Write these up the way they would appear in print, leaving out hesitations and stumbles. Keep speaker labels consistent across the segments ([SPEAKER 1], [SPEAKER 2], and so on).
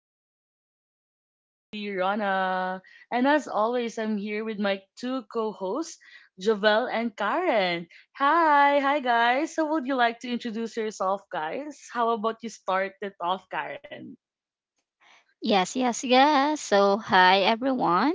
[SPEAKER 1] Talk. This is yours truly, Rana. And as always, I'm here with my two co hosts, Jovel and Karen. Hi, guys. So, would you like to introduce yourself, guys? How about you start it off, Karen?
[SPEAKER 2] Yes, yes, yes. Hi everyone.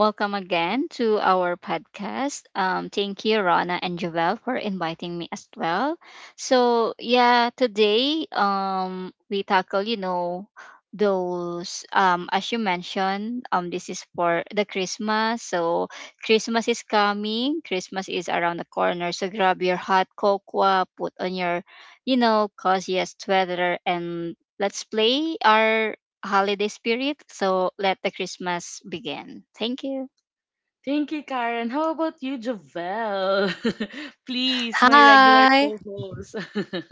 [SPEAKER 2] Welcome again to our podcast. Thank you, Rana and Joel, for inviting me as well. Yeah, today we tackle, you know, those as you mentioned this is for the Christmas. So Christmas is coming, Christmas is around the corner, so grab your hot cocoa, put on your you know coziest sweater, and let's play our holiday spirit. So let the Christmas begin. Thank you.
[SPEAKER 1] Thank you, Karen. How about you, Jovel? Please, my regular
[SPEAKER 3] Hi.
[SPEAKER 1] co host.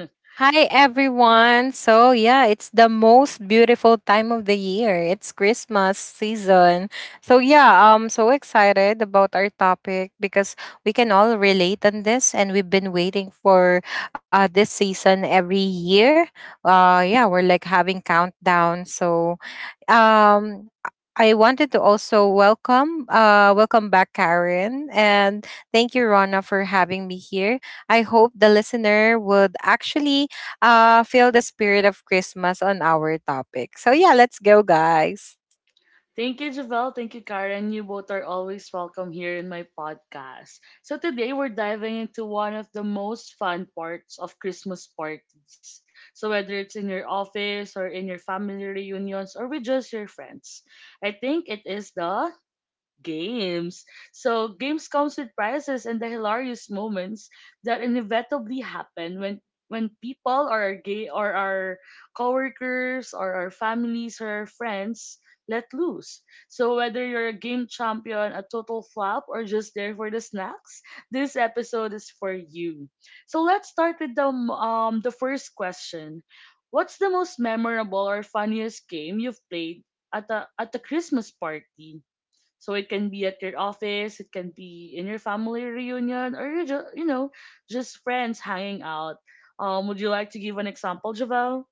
[SPEAKER 3] Hi, everyone. So, yeah, it's the most beautiful time of the year. It's Christmas season. So, yeah, I'm so excited about our topic because we can all relate on this, and we've been waiting for this season every year. Yeah, we're like having countdown. So, um, I wanted to also welcome, welcome back, Karen, and thank you, Rona, for having me here. I hope the listener would actually feel the spirit of Christmas on our topic. So yeah, let's go, guys.
[SPEAKER 1] Thank you, Javel. Thank you, Karen. You both are always welcome here in my podcast. So, today we're diving into one of the most fun parts of Christmas parties. So, whether it's in your office or in your family reunions or with just your friends, I think it is the games. So games comes with prizes and the hilarious moments that inevitably happen when people or our gay or our coworkers or our families or our friends let loose. So whether you're a game champion, a total flop, or just there for the snacks, this episode is for you. So let's start with the the first question. What's the most memorable or funniest game you've played at a Christmas party? So it can be at your office, it can be in your family reunion, or you just just friends hanging out. Would you like to give an example, Javel?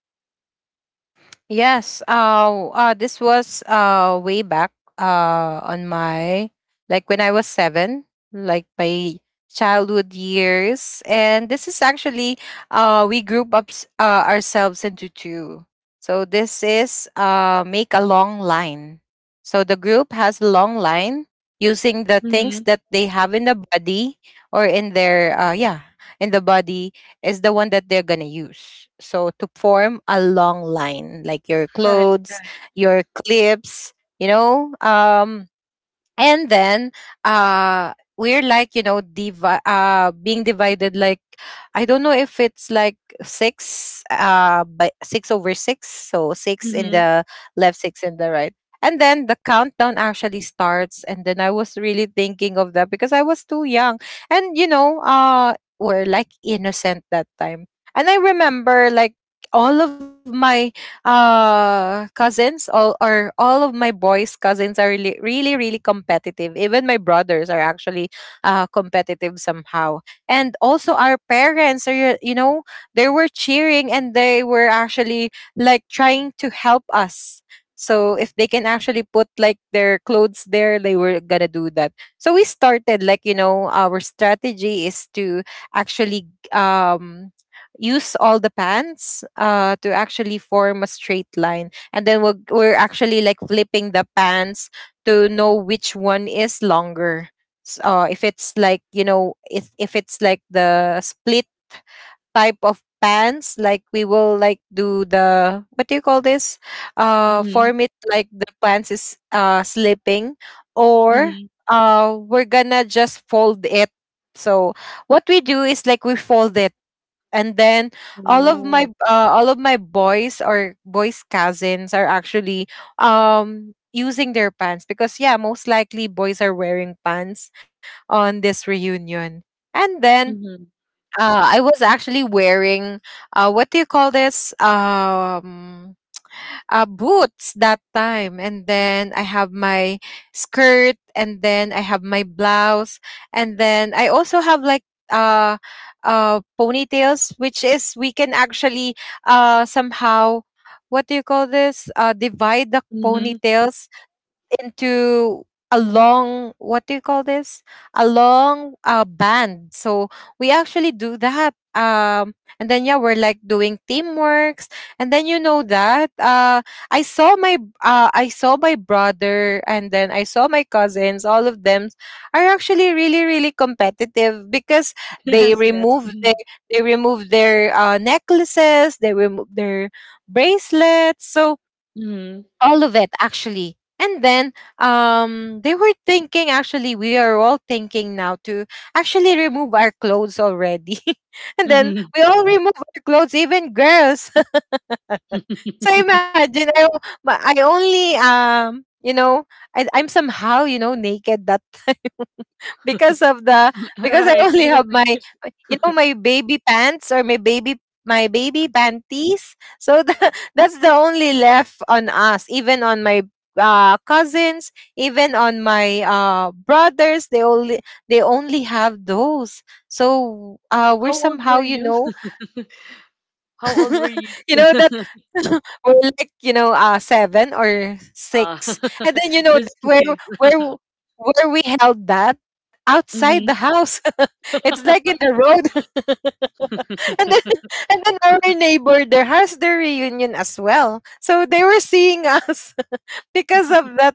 [SPEAKER 3] Yes. This was way back on my, like when I was seven, like my childhood years. And this is actually, we group up ourselves into two. So this is make a long line. So the group has a long line using the things
[SPEAKER 1] Mm-hmm.
[SPEAKER 3] that they have in the body or in their yeah, in the body is the one that they're going to use. So to form a long line, like your
[SPEAKER 1] Right,
[SPEAKER 3] clothes,
[SPEAKER 1] right.
[SPEAKER 3] your clips, you know, and then we're like, you know, being divided like, I don't know if it's like six by six over six, so six in
[SPEAKER 1] Mm-hmm.
[SPEAKER 3] the left, six in the right. And then the countdown actually starts, and then I was really thinking of that because I was too young. And, you know, we're like innocent that time, and I remember like all of my cousins, all are, all of my boys cousins are really, really, really competitive. Even my brothers are actually competitive somehow. And also our parents are, you know, they were cheering, and they were actually like trying to help us. So if they can actually put like their clothes there, they were gonna do that. So we started like, you know, our strategy is to actually, um use all the pans to actually form a straight line. And then we're actually like flipping the pans to know which one is longer. If it's like, you know, if it's like the split type of pans, like we will like do the, what do you call this?
[SPEAKER 1] Mm-hmm.
[SPEAKER 3] Form it like the pans is, slipping, or
[SPEAKER 1] Mm-hmm.
[SPEAKER 3] we're gonna just fold it. So what we do is like we fold it, and then all of
[SPEAKER 1] Oh.
[SPEAKER 3] my, all of my boys or boys cousins are actually using their pants, because yeah, most likely boys are wearing pants on this reunion. And then
[SPEAKER 1] Mm-hmm.
[SPEAKER 3] I was actually wearing what do you call this, boots that time. And then I have my skirt, and then I have my blouse, and then I also have like uh ponytails, which is we can actually somehow, what do you call this, divide the
[SPEAKER 1] Mm-hmm.
[SPEAKER 3] ponytails into a long, what do you call this, a long, band. So we actually do that, and then, yeah, we're like doing teamworks. And then, you know, that I saw my, I saw my brother, and then I saw my cousins. All of them are actually really, really competitive because they
[SPEAKER 1] Yes.
[SPEAKER 3] remove
[SPEAKER 1] Mm-hmm.
[SPEAKER 3] their, they remove their necklaces, they remove their bracelets. So
[SPEAKER 1] Mm-hmm.
[SPEAKER 3] all of it actually. And then they were thinking, actually we are all thinking now to actually remove our clothes already, and then
[SPEAKER 1] Mm-hmm.
[SPEAKER 3] we all remove our clothes, even girls. So imagine, I only, you know, I'm somehow, you know, naked that time because of the,
[SPEAKER 2] Mhm.
[SPEAKER 3] because I
[SPEAKER 1] right,
[SPEAKER 3] only
[SPEAKER 1] because of
[SPEAKER 3] have my,
[SPEAKER 1] the
[SPEAKER 3] you know, my baby pants or my baby, my baby panties. So the, that's the only left on us. Even on my cousins, even on my brothers, they only, they only have those. So we're
[SPEAKER 1] How old were
[SPEAKER 3] somehow, you
[SPEAKER 1] you?
[SPEAKER 3] know,
[SPEAKER 1] How old were you?
[SPEAKER 3] you know that. We're like, you know, seven or
[SPEAKER 1] uh,
[SPEAKER 3] six. And then, you know,
[SPEAKER 1] just
[SPEAKER 3] where,
[SPEAKER 1] kids.
[SPEAKER 3] where w- where we held that outside
[SPEAKER 1] Mm-hmm.
[SPEAKER 3] the house. It's like in the road. And then, and then our neighbor there has their reunion as well. So they were seeing us because of that,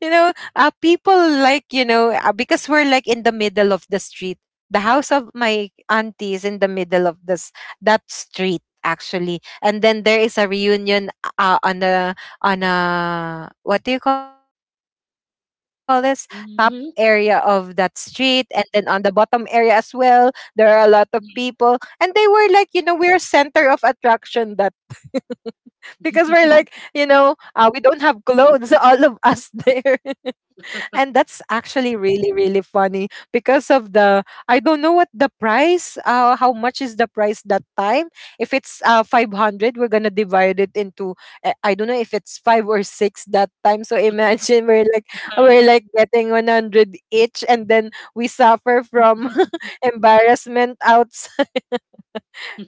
[SPEAKER 3] you know, people like, you know, because we're like in the middle of the street. The house of my auntie is in the middle of this, that street actually. And then there is a reunion uh, on a on a what do you call this, top area of that street, and then on the bottom area as well. There are a lot of people, and they were like, you know, we're center of attraction that because we're like, you know, we don't have clothes, all of us there. And that's actually really, really funny because of the, I don't know what the price, how much is the price that time. If it's 500, we're going to divide it into, I don't know if it's 5 or 6 that time. So imagine,
[SPEAKER 1] Right.
[SPEAKER 3] we're like getting 100 each, and then we suffer from embarrassment outside.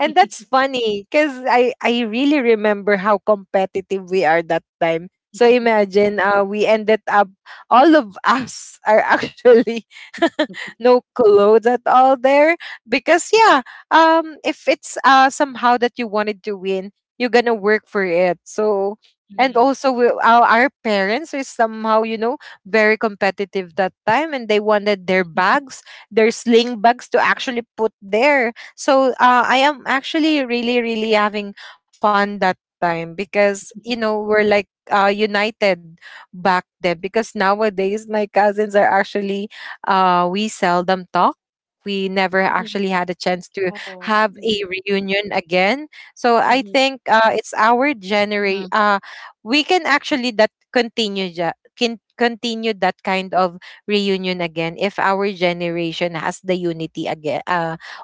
[SPEAKER 3] And that's funny because I really remember how competitive we are that time. So imagine, we ended up, all of us are actually no clothes at all there. Because, yeah, if it's, somehow that you wanted to win, you're going to work for it. So, and
[SPEAKER 1] Mhm.
[SPEAKER 3] also we, our parents are somehow, you know, very competitive that time. And they wanted their bags, their sling bags to actually put there. So, I am actually really, really having fun that time because, you know, we're like, united back then. Because nowadays, my cousins are actually, we seldom talk. We never
[SPEAKER 1] Mhm.
[SPEAKER 3] actually had a chance to
[SPEAKER 1] Oh.
[SPEAKER 3] have a
[SPEAKER 1] Mhm.
[SPEAKER 3] reunion again. So I
[SPEAKER 1] Mhm.
[SPEAKER 3] think, it's our generation. We can actually that continue, can continue that kind of reunion again if our generation has the unity again,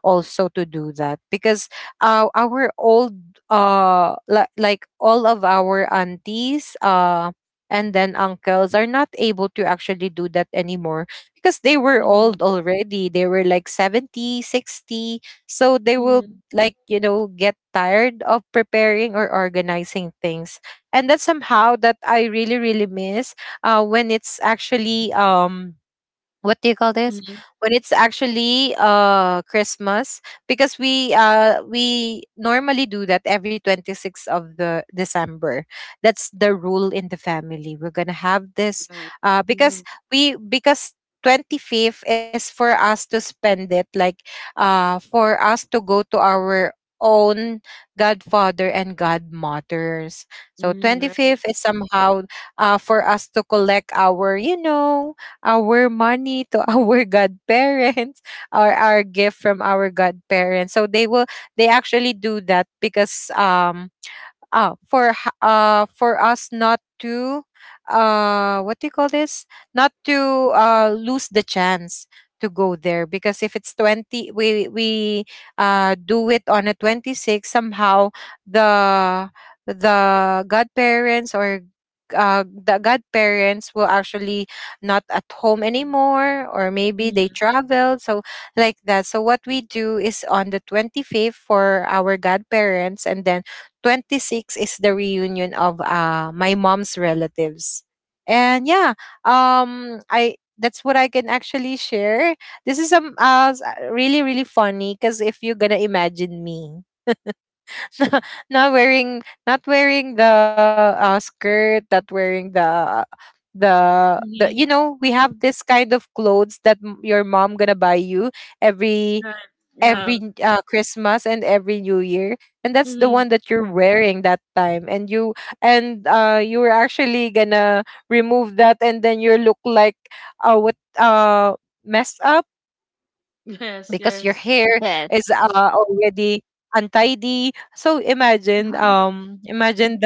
[SPEAKER 3] also to do that. Because our old, like all of our aunties and then uncles are not able to actually do that anymore because they were
[SPEAKER 1] Mhm.
[SPEAKER 3] old already. They were like 70, 60, so they will
[SPEAKER 1] Mhm.
[SPEAKER 3] like, you know, get tired of preparing or organizing things. And that's somehow that I really, really miss when it's actually, what do you call this,
[SPEAKER 1] Mhm.
[SPEAKER 3] when it's actually Christmas. Because we, we normally do that every 26th of the December. That's the rule in the family. We're gonna have this
[SPEAKER 1] Right.
[SPEAKER 3] because
[SPEAKER 1] Mhm.
[SPEAKER 3] we, because 25th is for us to spend it like, for us to go to our own godfather and godmothers. So
[SPEAKER 1] Mhm. Right.
[SPEAKER 3] 25th is somehow for us to collect our, you know, our money to our godparents, or our gift from our godparents. So they will, they actually do that because oh, for for us not to, what do you call this, not to lose the chance to go there. Because if it's 20, we do it on a 26, somehow the the godparents or, the godparents will actually not at home anymore, or maybe they
[SPEAKER 1] Mhm.
[SPEAKER 3] traveled. So like that. So what we do is on the 25th for our godparents, and then 26 is the reunion of my mom's relatives. And yeah, I, that's what I can actually share. This is really, really funny because if you're gonna imagine me, not wearing the, skirt, not wearing the, the you
[SPEAKER 1] Mhm.
[SPEAKER 3] know, we have this kind of clothes that your mom gonna buy you every
[SPEAKER 1] Right. Yeah.
[SPEAKER 3] every Christmas and every New Year, and that's the one
[SPEAKER 1] Mhm.
[SPEAKER 3] that you're wearing that time. And you, and you were actually gonna remove that, and then you look like what messed up because your
[SPEAKER 1] Yes.
[SPEAKER 3] hair
[SPEAKER 1] Yes.
[SPEAKER 3] is,
[SPEAKER 2] Yes.
[SPEAKER 3] already untidy. So imagine,
[SPEAKER 2] Mhm.
[SPEAKER 3] imagine the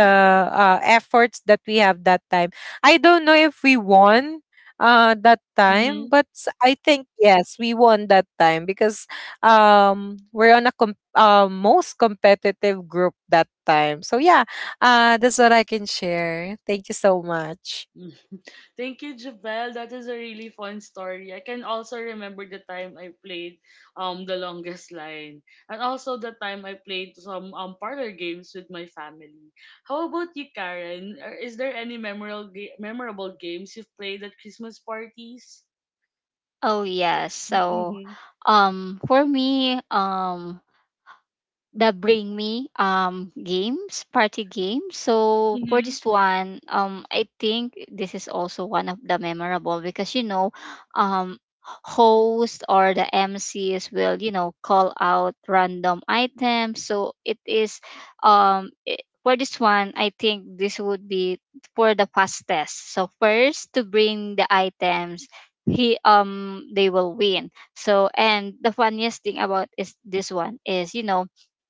[SPEAKER 3] efforts that we have that time. I don't know if we won that time,
[SPEAKER 1] Mhm.
[SPEAKER 3] but I think yes, we won that time because we're on a most competitive group that time. So yeah, that's what I can share. Thank you so much.
[SPEAKER 1] Thank you, Jabel. That is a really fun story. I can also remember the time I played the longest line, and also the time I played some parlor games with my family. How about you, Karen? Is there any memorable games you've played at Christmas parties?
[SPEAKER 2] Oh
[SPEAKER 1] Yeah.
[SPEAKER 2] yes. So
[SPEAKER 1] hmm
[SPEAKER 2] for me, the bring me games, party games. So for
[SPEAKER 1] hmm
[SPEAKER 2] this one, I think this is also one of the memorable, because you know, host or the MCs will, you know, call out random items. So it is, for this one I think this would be for the fastest, so first to bring the items he they will win. So, and the funniest thing about is this one is, you know,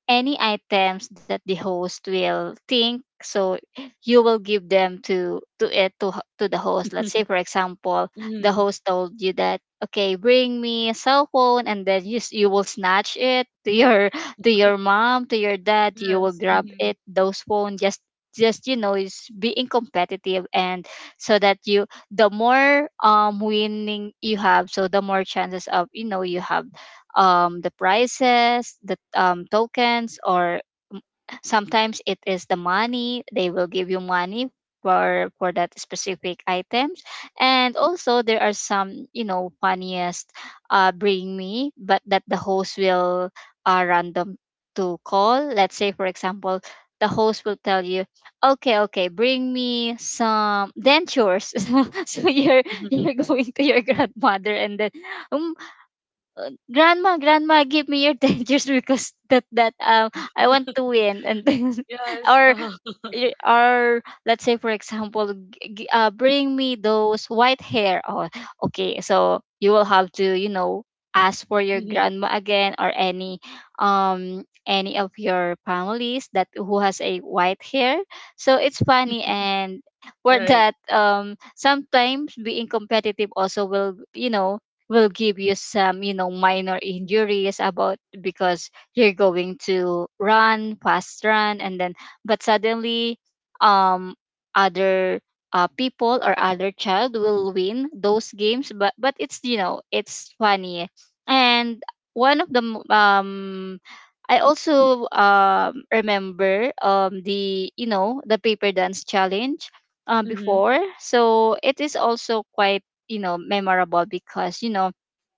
[SPEAKER 2] any items that the host will think, so you will give them to to the host. Let's say, for example, the
[SPEAKER 1] hmm
[SPEAKER 2] host told you that, okay, bring me a cell phone, and then you will snatch it to your to your mom, to your dad, you will
[SPEAKER 1] Yes.
[SPEAKER 2] grab
[SPEAKER 1] hmm
[SPEAKER 2] it, those phone just, you know, is being competitive. And so that you the more winning you have, so the more chances of you know you have the prices, the tokens, or sometimes it is the money. They will give you money for that specific items. And also there are some, you know, funniest bring me, but that the host will random to call. Let's say for example. The host will tell you, okay, okay, bring me some dentures. So you're going to your grandmother, and then, grandma grandma, give me your 10 years, because that that I want to win. And then,
[SPEAKER 1] yes.
[SPEAKER 2] or or let's say for example bring me those white hair. Oh, okay, so you will have to, you know, ask for your
[SPEAKER 1] Hmm
[SPEAKER 2] grandma again, or any of your families that who has a white hair. So it's funny. And for
[SPEAKER 1] Right.
[SPEAKER 2] that, sometimes being competitive also will, you know, will give you some, you know, minor injuries about, because you're going to run fast run, and then but suddenly, um other people or other child will win those games. But it's, you know, it's funny. And one of the I also remember the, you know, the paper dance challenge
[SPEAKER 1] hmm
[SPEAKER 2] before. So it is also quite, you know, memorable, because you know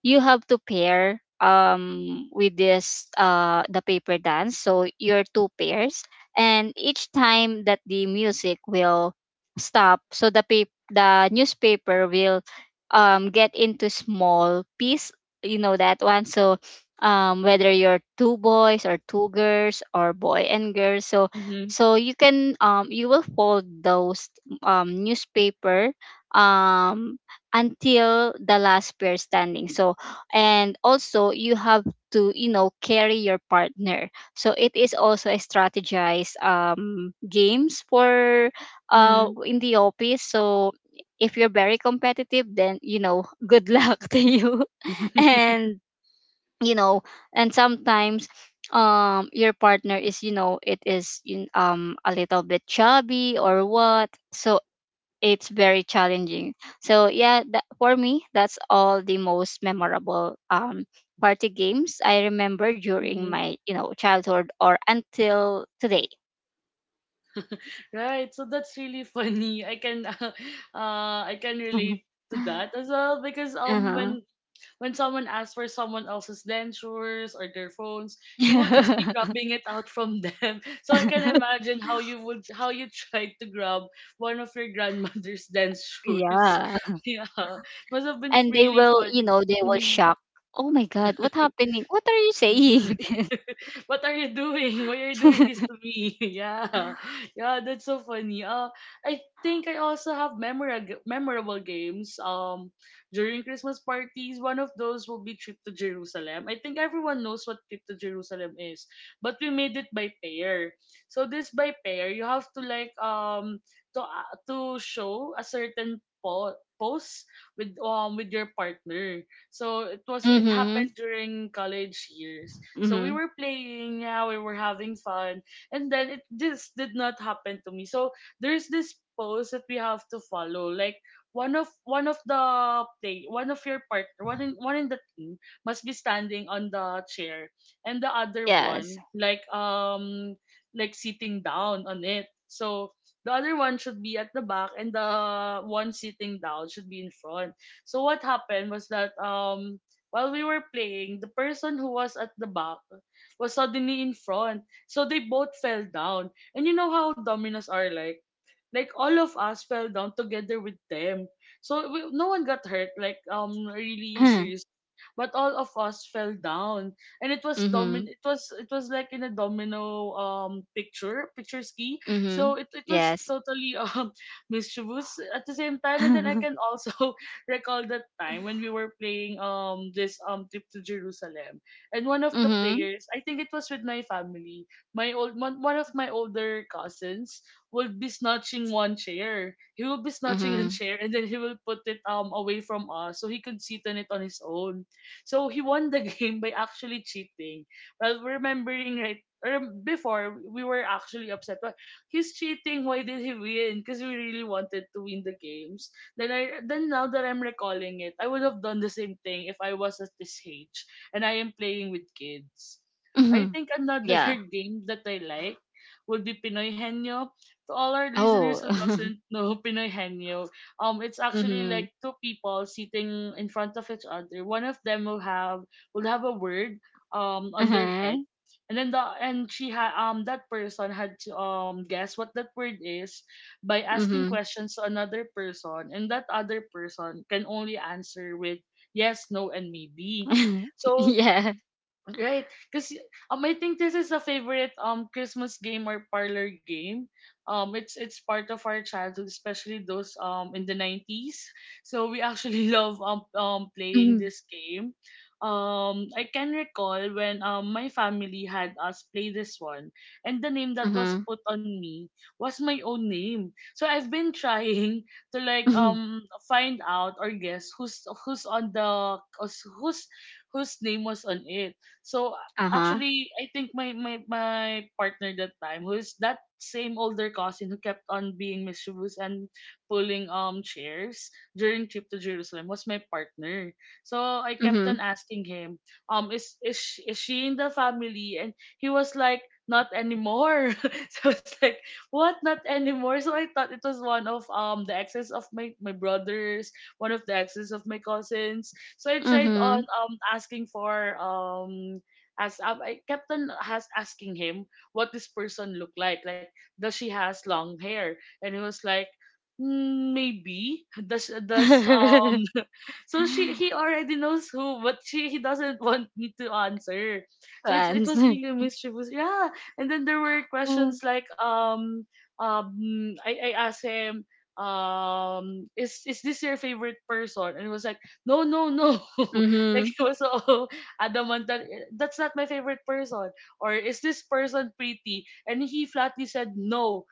[SPEAKER 2] you have to pair with this the paper dance. So you're two pairs, and each time that the music will stop, so the newspaper will get into small piece, you know that one. So whether you're two boys or two girls or boy and girl, so
[SPEAKER 1] hmm
[SPEAKER 2] so you can you will fold those newspaper um until the last pair standing. So, and also you have to, you know, carry your partner, so it is also a strategized games for in the office. So if you're very competitive, then you know good luck to you. And you know, and sometimes your partner is, you know, it is in, a little bit chubby or what. So it's very challenging. So yeah, that, for me, that's all the most memorable party games I remember during
[SPEAKER 1] hmm
[SPEAKER 2] my, you know, childhood or until today.
[SPEAKER 1] Right, so that's really funny. I can I can relate to that as well because um
[SPEAKER 2] Uh-huh.
[SPEAKER 1] when when someone asks for someone else's dentures or their phones, you will just be grabbing it out from them. So I can imagine how you tried to grab one of your grandmother's dentures.
[SPEAKER 2] Yeah,
[SPEAKER 1] yeah, must have been
[SPEAKER 2] and they
[SPEAKER 1] really
[SPEAKER 2] will, you
[SPEAKER 1] funny.
[SPEAKER 2] know, they will
[SPEAKER 1] Mm-hmm.
[SPEAKER 2] shock. Oh my God, what happening? What are you
[SPEAKER 1] Mhm.
[SPEAKER 2] saying?
[SPEAKER 1] what are you doing? Why are you doing this to me? yeah. Yeah, that's so funny. I think I also have memorable games. During Christmas parties, one of those will be Trip to Jerusalem. I think everyone knows what Trip to Jerusalem is, but we made it by pair. So this by pair, you have to like to show a certain pose with with your partner. So it was it
[SPEAKER 2] Mm-hmm.
[SPEAKER 1] happened during college years. So we
[SPEAKER 2] Mm-hmm.
[SPEAKER 1] were playing, yeah, we were having fun, and then it just did not happen to me. So there's this post that we have to follow, like one of the play one of your partner one in one in the team must be standing on the chair and the other
[SPEAKER 2] Yes.
[SPEAKER 1] one like sitting down on it, so the other one should be at the back and the one sitting down should be in front. So what happened was that while we were playing, the person who was at the back was suddenly in front. So they both fell down. And you know how dominoes are like? Like all of us fell down together with them. So we, no one got hurt like really, but all of us fell down and it was domin
[SPEAKER 2] Mm-hmm.
[SPEAKER 1] it was it was like in a domino picture ski,
[SPEAKER 2] Mm-hmm.
[SPEAKER 1] so it was
[SPEAKER 2] Yes.
[SPEAKER 1] totally mischievous at the same time, and then I can also recall that time when we were playing this trip to Jerusalem and one of the
[SPEAKER 2] Mm-hmm. Mm-hmm.
[SPEAKER 1] players, I think it was with my family, one of my older cousins will be snatching one chair, he will be snatching a chair and then he will put it away from us so he could sit on it on his own, so he won the game by actually cheating. Well, remembering right or before, we were actually upset. Why he's cheating? Why did he win? Because we really wanted to win the games. Then now that I'm recalling it, I would have done the same thing if I was at this age and I am playing with kids. I
[SPEAKER 2] Mm-hmm.
[SPEAKER 1] think another
[SPEAKER 2] Yeah.
[SPEAKER 1] game that I like would be Pinoy Henyo. To all our listeners
[SPEAKER 2] Oh.
[SPEAKER 1] who doesn't know Pinoy Henyo, it's actually
[SPEAKER 2] Mhm.
[SPEAKER 1] like two people sitting in front of each other. One of them will have a word on their head.
[SPEAKER 2] Uh-huh.
[SPEAKER 1] And then the and she had that person had to guess what that word is by asking
[SPEAKER 2] Mhm.
[SPEAKER 1] questions to another person, and that other person can only answer with yes, no and maybe. So
[SPEAKER 2] Yeah.
[SPEAKER 1] Right, because I think this is a favorite Christmas game or parlor game. It's part of our childhood, especially those in the nineties. So we actually love playing
[SPEAKER 2] Mhm.
[SPEAKER 1] this game. I can recall when my family had us play this one, and the name that was
[SPEAKER 2] Mhm.
[SPEAKER 1] put on me was my own name. So I've been trying to like
[SPEAKER 2] Mhm.
[SPEAKER 1] find out or guess who's who's on the who's who's whose name was on it, so
[SPEAKER 2] Uh-huh.
[SPEAKER 1] actually, I think my partner that time, who is that same older cousin who kept on being mischievous and pulling chairs during trip to Jerusalem, was my partner. So I kept
[SPEAKER 2] Mhm.
[SPEAKER 1] on asking him, is she, is she in the family? And he was like, not anymore. so it's like, what? Not anymore. So I thought it was one of the exes of my brothers, one of the exes of my cousins, so I tried on
[SPEAKER 2] Mhm.
[SPEAKER 1] asking for as I kept on has asking him what this person looked like. Like does she has long hair? And he was like, "Mm, maybe does so she he already knows who, but she he doesn't want me to answer.
[SPEAKER 2] To
[SPEAKER 1] So it's it was
[SPEAKER 2] answer.
[SPEAKER 1] really mischievous. Yeah. And then there were questions like um I asked him is this your favorite person? And he was like no, no, no. like
[SPEAKER 2] Mhm.
[SPEAKER 1] he was so adamant that that's not my favorite person. Or is this person pretty? And he flatly said no.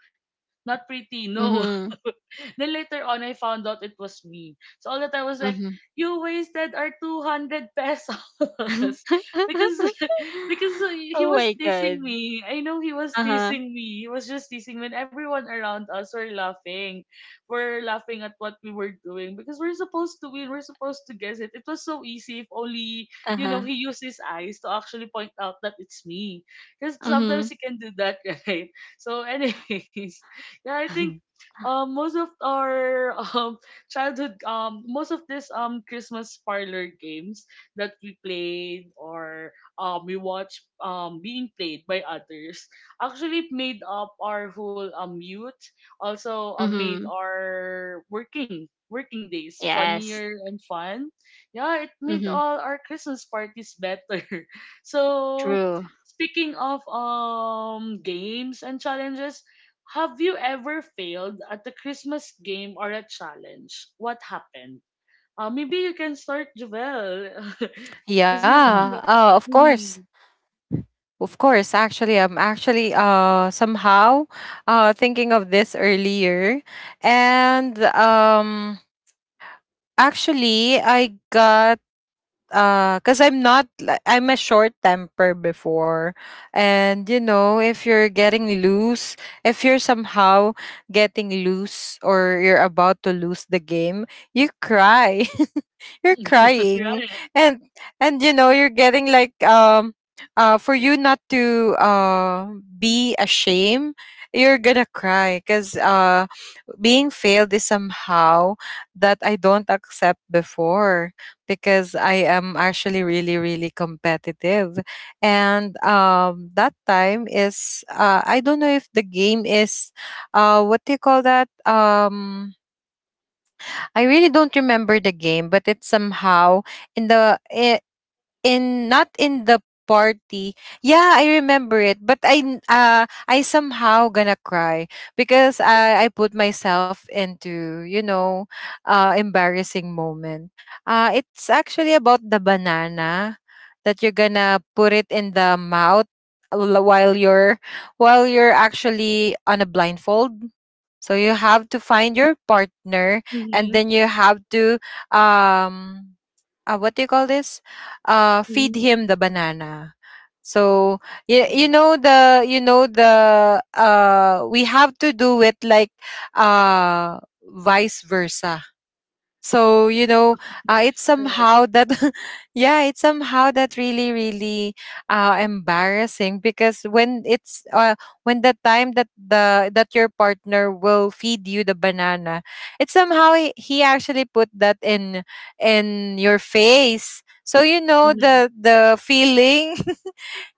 [SPEAKER 1] Not pretty, no.
[SPEAKER 2] Mhm.
[SPEAKER 1] then later on, I found out it was me. So all that I was like,
[SPEAKER 2] Mhm.
[SPEAKER 1] you wasted our 200 pesos. because because he
[SPEAKER 2] Oh
[SPEAKER 1] was
[SPEAKER 2] my
[SPEAKER 1] teasing
[SPEAKER 2] god.
[SPEAKER 1] me. I know he was
[SPEAKER 2] Uh-huh.
[SPEAKER 1] teasing me. He was just teasing when everyone around us were laughing. We're laughing at what we were doing because we're supposed to win. We're supposed to guess it. It was so easy if only, you know,
[SPEAKER 2] Uh-huh.
[SPEAKER 1] he used his eyes to actually point out that it's me. Because sometimes
[SPEAKER 2] Mhm.
[SPEAKER 1] he can do that, right? So, anyways, yeah, I think most of our childhood, most of this Christmas parlor games that we played or we watched being played by others actually made up our whole youth, also made
[SPEAKER 2] Mhm.
[SPEAKER 1] our working days
[SPEAKER 2] Yes.
[SPEAKER 1] funnier and fun. Yeah, it made
[SPEAKER 2] Mhm.
[SPEAKER 1] all our Christmas parties better. so
[SPEAKER 2] True.
[SPEAKER 1] speaking of games and challenges, have you ever failed at a Christmas game or a challenge? What happened? Maybe you can start, Javel. Because you've
[SPEAKER 2] Mhm.
[SPEAKER 1] run
[SPEAKER 3] Yeah,
[SPEAKER 1] that
[SPEAKER 3] of course.
[SPEAKER 1] on.
[SPEAKER 3] Of course, actually, I'm actually somehow thinking of this earlier. And actually I got, because I'm not li- I'm a short temper before. And you know, if you're getting loose, if you're somehow getting loose, or you're about to lose the game, you cry. You're crying,
[SPEAKER 1] right.
[SPEAKER 3] and, you know, you're getting like, for you not to be ashamed, you're gonna cry. Because being failed is somehow that I don't accept before, because I am actually really, really competitive. And that time is, I don't know if the game is, what do you call that? I really don't remember the game, but it's somehow in not in the party. Yeah, I remember it, but I somehow gonna cry because I put myself into, embarrassing moment. It's actually about the banana that you're gonna put it in the mouth l- while you're while you're actually on a blindfold. So you have to find your partner and
[SPEAKER 1] Mm-hmm.
[SPEAKER 3] then you have to um what do you call this? Feed
[SPEAKER 1] Mm-hmm.
[SPEAKER 3] him the banana. So you
[SPEAKER 1] Oh,
[SPEAKER 3] know the we have to do it like uh vice versa, so you know, it's
[SPEAKER 1] right.
[SPEAKER 3] somehow that yeah, it's somehow that really, really embarrassing, because when the time that the that your partner will feed you the banana, it's somehow he actually put that in your face, so you know
[SPEAKER 1] Mm-hmm.
[SPEAKER 3] the feeling.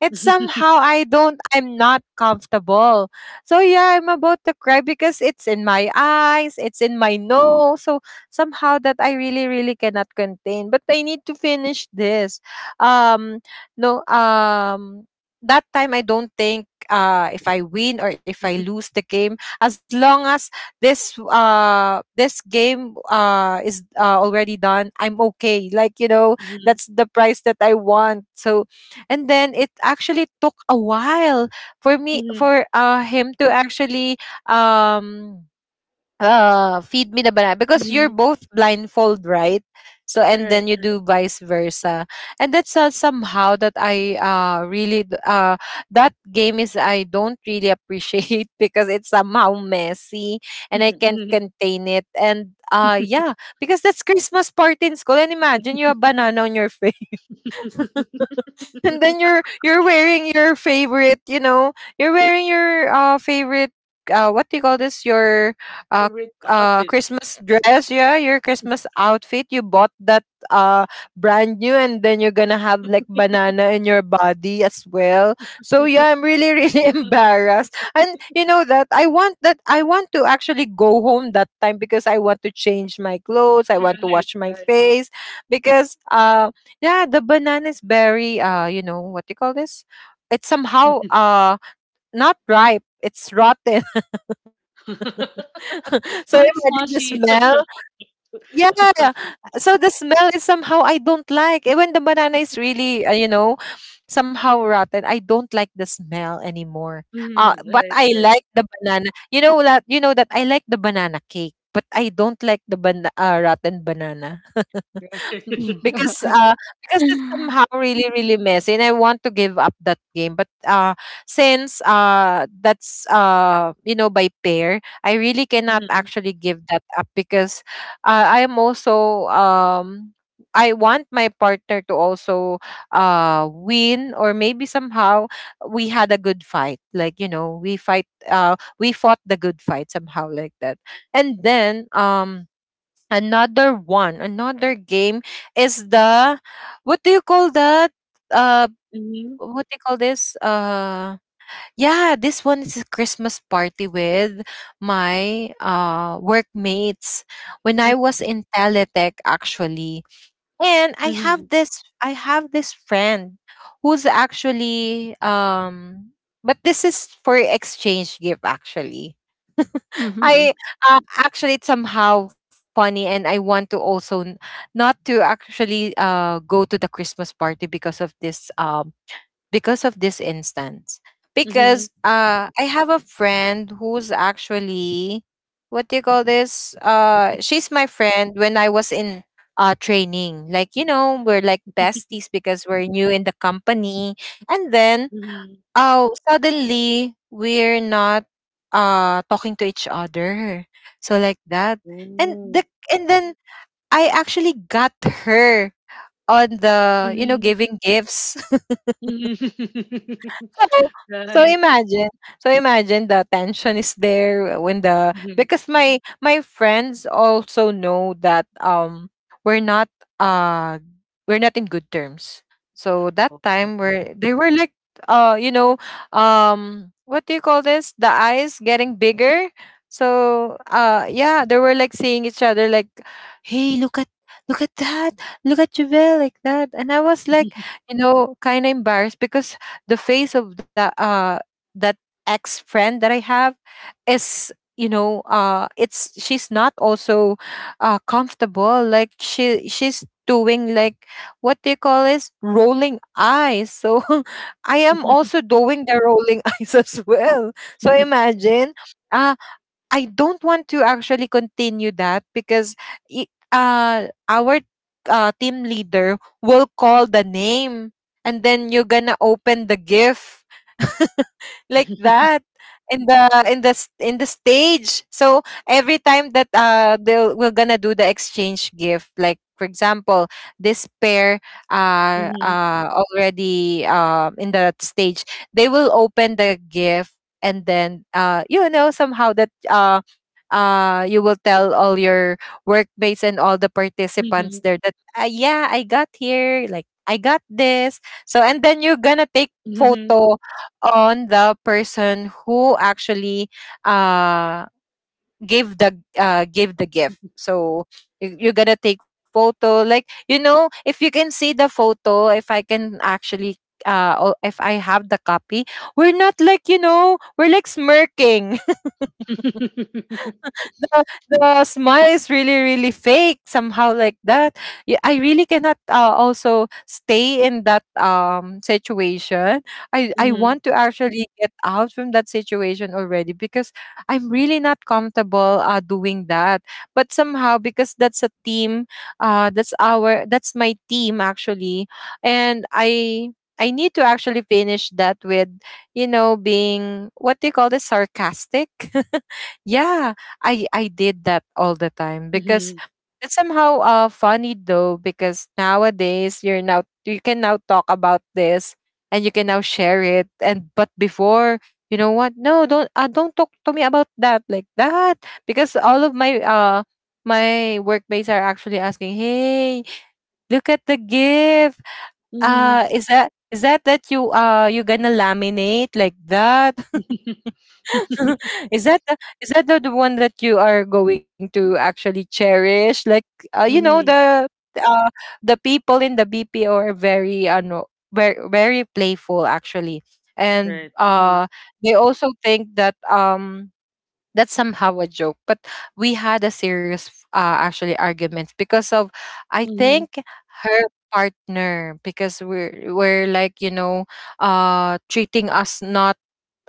[SPEAKER 3] It's somehow I'm not comfortable. So yeah, I'm about to cry because it's in my eyes, it's in my nose. So somehow that I really, really cannot contain. But I need to finish this. Um no um that time I don't think if I win or if I lose the game, as long as this this game is already done, I'm okay, like you know,
[SPEAKER 1] Hmm.
[SPEAKER 3] that's the price that I want. So and then it actually took a while
[SPEAKER 1] hmm
[SPEAKER 3] for him to actually um feed me the banana, because you're
[SPEAKER 1] Mm-hmm.
[SPEAKER 3] both blindfold, right? So and
[SPEAKER 1] Right.
[SPEAKER 3] then you do vice versa. And that's somehow that I really that game is, I don't really appreciate, because it's somehow messy and I can't
[SPEAKER 1] Mhm.
[SPEAKER 3] contain it. And
[SPEAKER 1] Hmm.
[SPEAKER 3] yeah, because that's Christmas party in school, and imagine you have banana on your and then you're wearing your favorite, you know, you're wearing your favorite what do you call this your uh
[SPEAKER 1] Favorite outfit.
[SPEAKER 3] Christmas dress, yeah, your Christmas outfit. You bought that uh brand new, and then you're gonna have like banana in your body as well. So yeah, I'm really really
[SPEAKER 1] right.
[SPEAKER 3] embarrassed, and you know that I want to actually go home that time because I want to change my clothes, I want to wash my
[SPEAKER 1] Right.
[SPEAKER 3] face, because yeah, the banana is very you know, what do you call this? It's somehow not ripe. It's rotten. So imagine
[SPEAKER 1] so
[SPEAKER 3] the
[SPEAKER 1] it's
[SPEAKER 3] smell.
[SPEAKER 1] mushy.
[SPEAKER 3] Yeah. So the smell is somehow I don't like. When the banana is really, somehow rotten, I don't like the smell anymore.
[SPEAKER 1] Hmm.
[SPEAKER 3] But
[SPEAKER 1] right.
[SPEAKER 3] I
[SPEAKER 1] Right.
[SPEAKER 3] like the banana. You know that I like the banana cake, but I don't like the rotten banana. because uh because it's somehow really, really messy, and I want to give up that game. But since that's you know, by pair, I really cannot
[SPEAKER 1] Mhm,
[SPEAKER 3] actually give that up, because I am also I want my partner to also win, or maybe somehow we had a good fight. Like, you know, we fight, we fought the good fight, somehow like that. And then another one, another game is the, what do you call that, uh
[SPEAKER 1] mhm,
[SPEAKER 3] what do you call this yeah, this one is a Christmas party with my workmates when I
[SPEAKER 1] mm,
[SPEAKER 3] was in Teletech actually. And I have
[SPEAKER 1] mhm,
[SPEAKER 3] this, I have this friend who's actually, but this is for exchange gift actually.
[SPEAKER 2] Mhm.
[SPEAKER 3] I Actually, it's somehow funny, and I want to also not to actually go to the Christmas party because of this, because of this instance. Because
[SPEAKER 1] mhm,
[SPEAKER 3] I have a friend who's actually, what do you call this? She's my friend when I was in training. Like, you know, we're like besties because we're new in the company. And then,
[SPEAKER 1] mhm.
[SPEAKER 3] oh, suddenly we're not talking to each other. So, like that. And, the,
[SPEAKER 1] Oh.
[SPEAKER 3] and then I actually got her on the, you know,
[SPEAKER 1] Mhm,
[SPEAKER 3] giving gifts.
[SPEAKER 1] mhm.
[SPEAKER 3] So so
[SPEAKER 1] Right.
[SPEAKER 3] imagine, so imagine the tension is there when the,
[SPEAKER 1] Mhm.
[SPEAKER 3] because my friends also know that we're not uh we're not in good terms. So that time
[SPEAKER 1] Oh.
[SPEAKER 3] where they were like you know, what do you call this? The eyes getting bigger. So yeah, they were like seeing each other like, hey, look at, look at that, look at Javel, like that. And I was like, you know, kind of embarrassed because the face of that that ex friend that I have is, you know, it's she's not also comfortable, like she's doing like what they call is rolling eyes. So I am
[SPEAKER 1] Mhm,
[SPEAKER 3] also doing the rolling eyes as well. So imagine, uh, I don't want to actually continue that, because our team leader will call the name, and then you're gonna open the gift like that in the in the stage. So every time that they we're gonna do the exchange gift, like for example, this pair are already in that stage, they will open the gift, and then you know, somehow that you will tell all your workmates and all the participants
[SPEAKER 1] mhm,
[SPEAKER 3] there that yeah, I got here, like I got this. So and then you're gonna take
[SPEAKER 1] mhm.
[SPEAKER 3] photo on the person who actually uh gave the gift. So you're gonna take photo, like, you know, if you can see the photo, if I can actually or if I have the copy, we're not, like, you know, we're like smirking. the the smile is really, really fake, somehow like that. Yeah, I really cannot also stay in that situation. I
[SPEAKER 1] Mhm,
[SPEAKER 3] want to actually get out from that situation already, because I'm really not comfortable doing that. But somehow, because that's a team, that's my team actually, and I need to actually finish that with, you know, being, what do you call this, sarcastic? Yeah, I did that all the time. Because
[SPEAKER 1] mhm,
[SPEAKER 3] it's somehow funny though, because nowadays you're now, you can now talk about this, and you can now share it. And but before, you know what, no, don't, don't talk to me about that, like that, because all of my my workmates are actually asking, hey, look at the gift,
[SPEAKER 1] mhm.
[SPEAKER 3] is that, is that that you, you gonna laminate, like that? Is that the, is that the one that you are going to actually cherish? Like, you know,
[SPEAKER 1] Mhm,
[SPEAKER 3] uh, the people in the BPO are very no, very, very playful actually. And
[SPEAKER 1] right. Mhm,
[SPEAKER 3] they also think that that's somehow a joke. But we had a serious actually arguments because of, I
[SPEAKER 1] mhm,
[SPEAKER 3] think, her partner, because we're like, you know, treating us not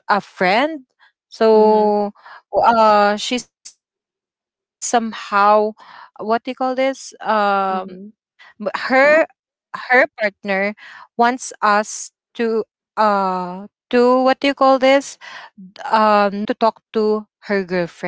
[SPEAKER 3] a friend.
[SPEAKER 1] mhm,
[SPEAKER 3] So she somehow, what do you call this? M- her
[SPEAKER 1] mhm.
[SPEAKER 3] her partner wants us to uh to what do you call this? Not to talk to her girlfriend.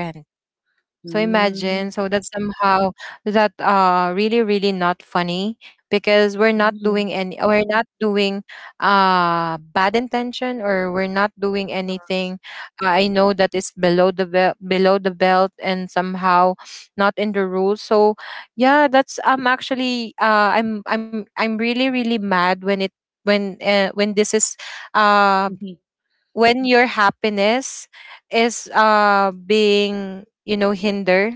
[SPEAKER 3] So imagine, so
[SPEAKER 1] Mm,
[SPEAKER 3] that somehow that really, really not funny, because we're not
[SPEAKER 1] mhm.
[SPEAKER 3] doing any, we're not doing bad intention, or we're not doing
[SPEAKER 1] Yes.
[SPEAKER 3] anything. I know that it's below the belt, below the belt, and somehow not in the rules. So yeah, that's, I'm actually I'm really, really mad when it, when this is uh
[SPEAKER 1] Mhm,
[SPEAKER 3] when your happiness is being, you know, hindered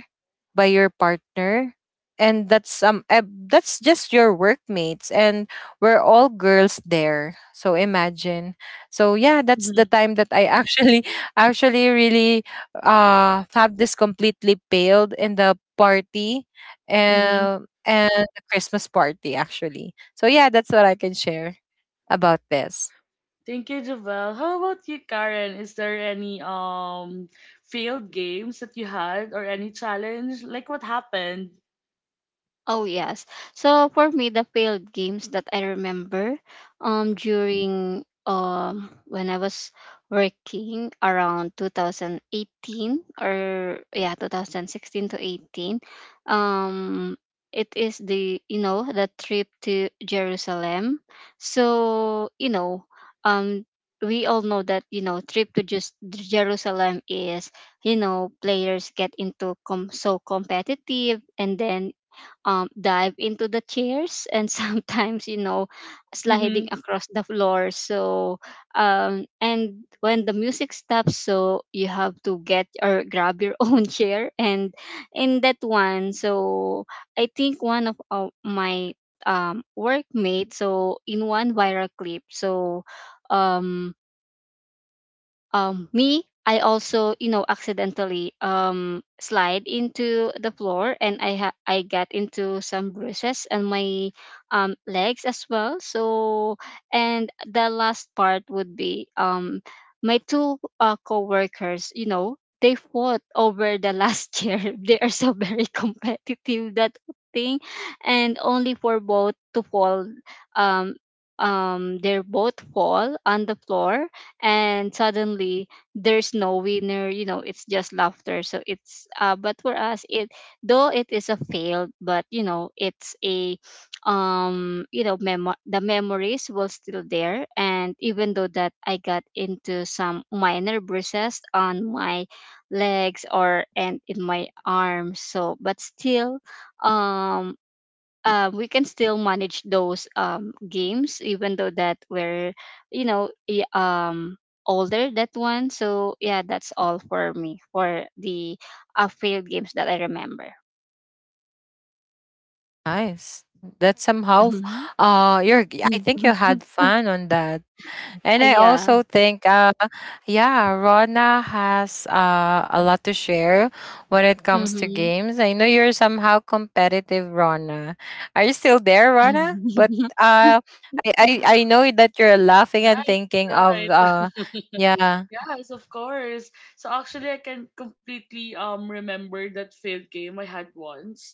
[SPEAKER 3] by your partner. And that's just your workmates, and we're all girls there, so imagine. So yeah, that's the
[SPEAKER 1] mhm,
[SPEAKER 3] time that I actually actually really have this completely paled in the party,
[SPEAKER 1] mhm.
[SPEAKER 3] and the Christmas party actually. So yeah, that's what I can share about this.
[SPEAKER 1] Thank you, Javel. How about you, Karen? Is there any failed games that you had or any challenge? Like what happened?
[SPEAKER 2] Oh yes. So for me, the failed games that I remember, during when I was working around 2018 or yeah 2016 to 18, um, it is, the you know, the trip to Jerusalem. So you know, um, we all know that you know trip to just Jerusalem is, you know, players get into so competitive, and then dive into the chairs, and sometimes, you know, sliding
[SPEAKER 1] Mm-hmm.
[SPEAKER 2] across the floor. So and when the music stops, so you have to get or grab your own chair, and in that one. So I think one of my workmate, so in one viral clip. So um me, I also, you know, accidentally slide into the floor, and I got into some bruises and my legs as well. So, and the last part would be my two co-workers, you know, they fought over the last chair. They are so very competitive that thing, and only for both to fall. um they are both fall on the floor, and suddenly there's no winner, you know, it's just laughter. So it's, but for us, it though it is a failed, but you know it's a you know memo- the memories were still there. And even though that I got into some minor bruises on my legs or and in my arms, so but still, um we can still manage those games, even though that we're you know older that one. So yeah, that's all for me for the failed games that I remember.
[SPEAKER 3] Nice. That's somehow
[SPEAKER 2] Uh-huh.
[SPEAKER 3] I think you had fun on that. And I
[SPEAKER 2] Yeah.
[SPEAKER 3] also think yeah, Rona has a lot to share when it comes to
[SPEAKER 2] Mm-hmm.
[SPEAKER 3] games. I know you're somehow competitive, Rona. Are you still there, Rona? But uh I I, I know that you're laughing and
[SPEAKER 1] Right,
[SPEAKER 3] thinking of
[SPEAKER 1] right.
[SPEAKER 3] yeah,
[SPEAKER 1] Yes, of course. So actually, I can completely remember that failed game I had once.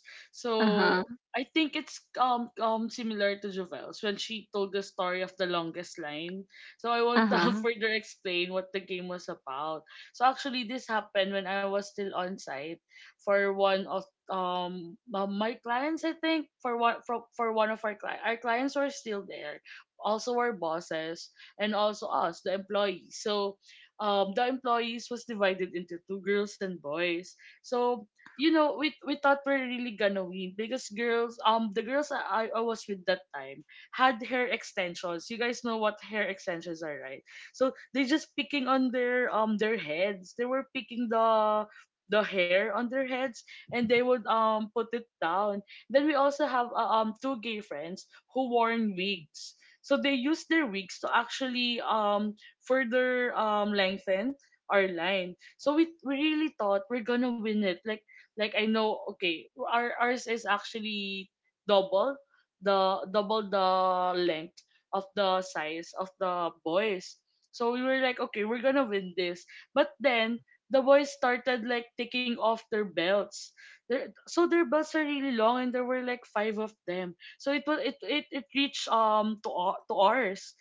[SPEAKER 2] Uh-huh.
[SPEAKER 1] So I think it's similar to Jovel's when she told the story of the longest line. So I won't
[SPEAKER 2] Uh-huh.
[SPEAKER 1] further explain what the game was about. So actually, this happened when I was still on site for one of my clients. I think for one for one of our clients were still there, also our bosses and also us, the employees. The employees was divided into two, girls and boys. So we thought we're really gonna win because girls, the girls I was with that time had hair extensions. You guys know what hair extensions are, right? So they just picking on their heads. They were picking the hair on their heads, and they would put it down. Then we also have two gay friends who wore wigs. So they used their wigs to actually further lengthen our line. So we really thought we're gonna win it. Like I know okay, ours is actually double double the length of the size of the boys. So we were like, okay, we're gonna win this. But then the boys started like taking off their belts. So their belts are really long, and there were like five of them. So it was it reached to ours.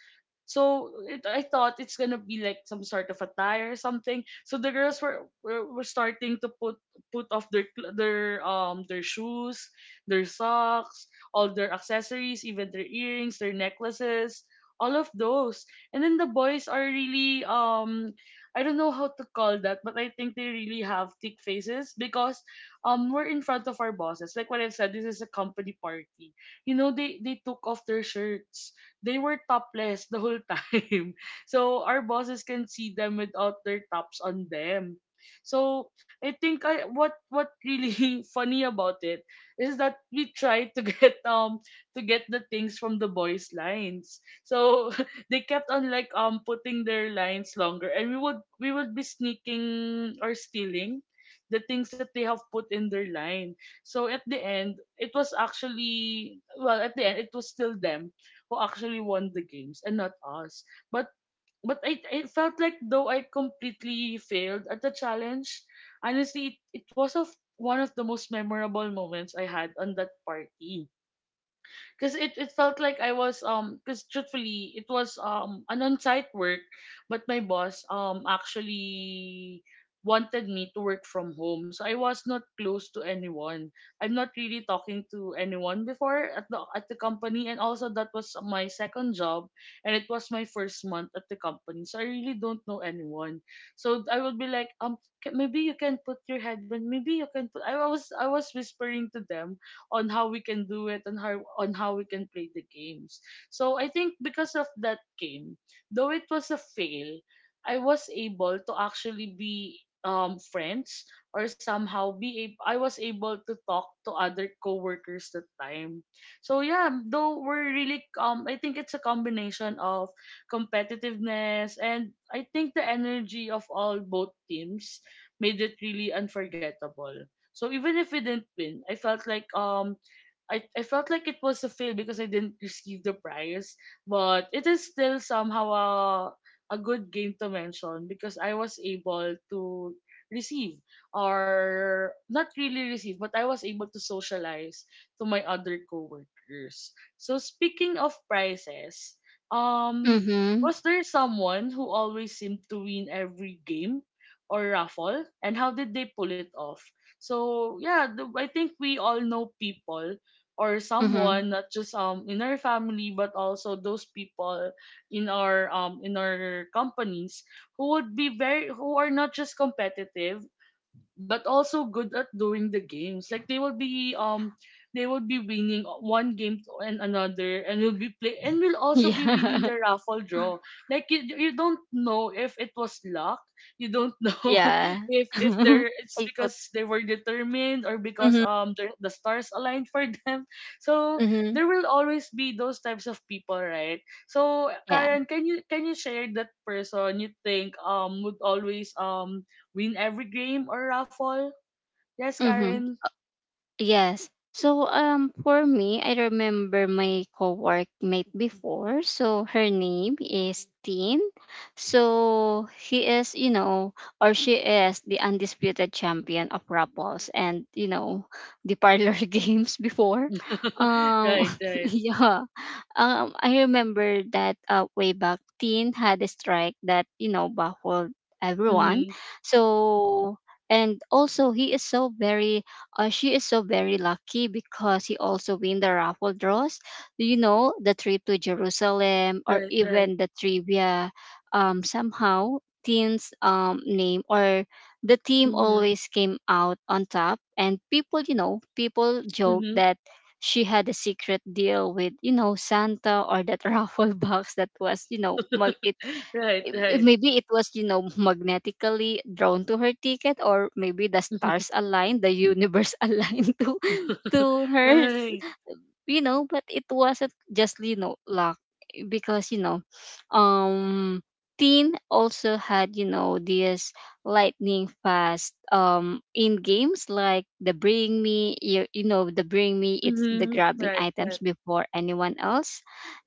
[SPEAKER 1] I thought it's gonna be like some sort of attire or something. So the girls were starting to put off their shoes, their socks, all their accessories, even their earrings, their necklaces, all of those. And then the boys are really I don't know how to call that, but I think they really have thick faces because we're in front of our bosses. Like what I've said, this is a company party. You know, they took off their shirts, they were topless the whole time. So our bosses can see them without their tops on them. So I think I what really funny about it is that we tried to get the things from the boys' lines. So they kept on like putting their lines longer, and we would be sneaking or stealing the things that they have put in their line. So at the end, it was actually well at the end it was still them who actually won the games and not us. But but I it felt like though I completely failed at the challenge. Honestly, it was of one of the most memorable moments I had on that party, because it felt like I was because truthfully it was an on-site work, but my boss actually wanted me to work from home, so I was not close to anyone. I'm not really talking to anyone before at the company, and also that was my second job, and it was my first month at the company, so I really don't know anyone. So I would be like, Maybe you can put your headband. Maybe you can put." I was whispering to them on how we can do it and how on how we can play the games. So I think because of that game, though it was a fail, I was able to actually be friends, or somehow I was able to talk to other coworkers that time. So yeah, though we're really I think it's a combination of competitiveness and I think the energy of all both teams made it really unforgettable. So even if we didn't win, I felt like I felt like it was a fail because I didn't receive the prize, but it is still somehow a good game to mention because I was able to receive, or not really receive, but I was able to socialize to my other coworkers. So speaking of prizes, um,
[SPEAKER 2] Mm-hmm.
[SPEAKER 1] was there someone who always seemed to win every game or raffle, and how did they pull it off? So yeah, I think we all know people, or
[SPEAKER 2] Mm-hmm.
[SPEAKER 1] someone not just in our family but also those people in our companies, who would be very, who are not just competitive but also good at doing the games. Like they will be winning one and another, and will be play and will also be winning
[SPEAKER 2] Yeah.
[SPEAKER 1] the raffle draw. Like you don't know if it was luck. You don't know
[SPEAKER 2] Yeah.
[SPEAKER 1] if they're it's
[SPEAKER 2] I thought-
[SPEAKER 1] because they were determined, or because
[SPEAKER 2] Mhm.
[SPEAKER 1] the stars aligned for them. So
[SPEAKER 2] Mhm.
[SPEAKER 1] there will always be those types of people, right? So
[SPEAKER 2] Yeah.
[SPEAKER 1] Karen, can you share that person you think would always win every game or raffle. Yes,
[SPEAKER 2] Mm-hmm.
[SPEAKER 1] Karen.
[SPEAKER 2] Yes. So for me, I remember my co-workmate before. So her name is Tin. So he is, you know, or she is the undisputed champion of Rapples and, you know, the parlor games before. Um
[SPEAKER 1] Right, right.
[SPEAKER 2] yeah. I remember that way back Tin had a strike that, you know, baffled everyone.
[SPEAKER 1] Mm-hmm.
[SPEAKER 2] So and also he is so very she is so very lucky, because he also win the raffle draws. Do you know, the trip to Jerusalem or
[SPEAKER 1] Right, right.
[SPEAKER 2] even the trivia. Somehow team's name or the team
[SPEAKER 1] Mm-hmm.
[SPEAKER 2] always came out on top, and people, you know, people joke
[SPEAKER 1] Mm-hmm.
[SPEAKER 2] that she had a secret deal with you know Santa or that raffle box, that was, you know, it
[SPEAKER 1] Right, right.
[SPEAKER 2] maybe it was, you know, magnetically drawn to her ticket, or maybe the stars aligned, the universe aligned to hers,
[SPEAKER 1] Right.
[SPEAKER 2] you know. But it wasn't just, you know, luck, because you know, um teen also had, you know, this lightning fast in games like the bring me, you know, the bring me, it's the
[SPEAKER 1] Mm-hmm.
[SPEAKER 2] grabbing
[SPEAKER 1] Right, right.
[SPEAKER 2] items before anyone else.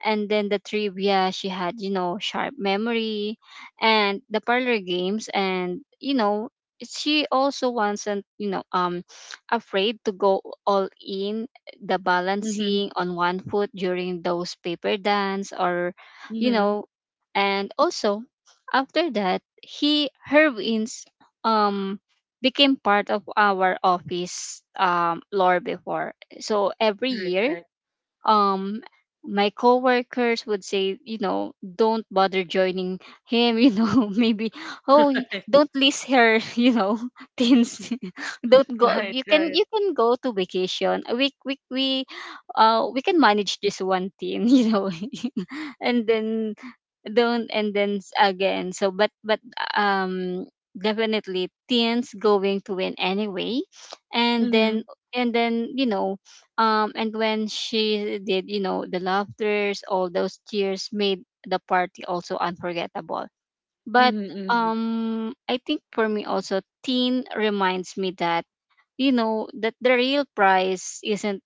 [SPEAKER 2] And then the trivia, she had, you know, sharp memory, and the parlor games, and you know she also wasn't, you know, afraid to go all in, the
[SPEAKER 1] Mm-hmm.
[SPEAKER 2] balancing on one foot during those paper dance, or you
[SPEAKER 1] Mm-hmm.
[SPEAKER 2] know. And also, after that he her wins um became part of our office lore before. So every
[SPEAKER 1] Right,
[SPEAKER 2] year
[SPEAKER 1] right.
[SPEAKER 2] um my coworkers would say, you know, don't bother joining him, you know, maybe oh
[SPEAKER 1] Right,
[SPEAKER 2] don't list her you know things don't go,
[SPEAKER 1] right. Right.
[SPEAKER 2] you can go to vacation, we we can manage this one thing you know and then don't, and then again. So but, um definitely teens going to win anyway, and
[SPEAKER 1] Mm-hmm.
[SPEAKER 2] then, and then, you know, and when she did, you know, the laughters, all those cheers made the party also unforgettable. But
[SPEAKER 1] Mm-hmm. Mm-hmm.
[SPEAKER 2] I think for me also, teen reminds me that, you know, that the real prize isn't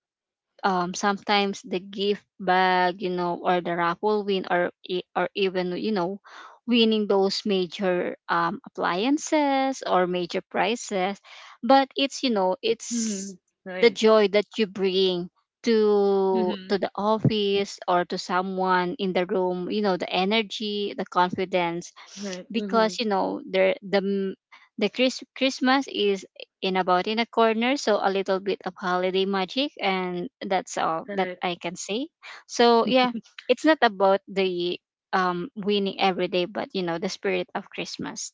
[SPEAKER 2] sometimes the gift bag, you know, or the raffle win, or even, you know, winning those major appliances or major prizes, but it's, you know,
[SPEAKER 1] Mm-hmm.
[SPEAKER 2] it's the
[SPEAKER 1] Right.
[SPEAKER 2] joy that you bring
[SPEAKER 1] Mm-hmm.
[SPEAKER 2] to the office or to someone in the room, you know, the energy, the confidence,
[SPEAKER 1] Right. Mm-hmm.
[SPEAKER 2] because you know there the Christmas is in about in a corner. So a little bit of holiday magic, and that's all that
[SPEAKER 1] Right.
[SPEAKER 2] I can say. So yeah, it's not about the winning every day, but you know, the spirit of Christmas.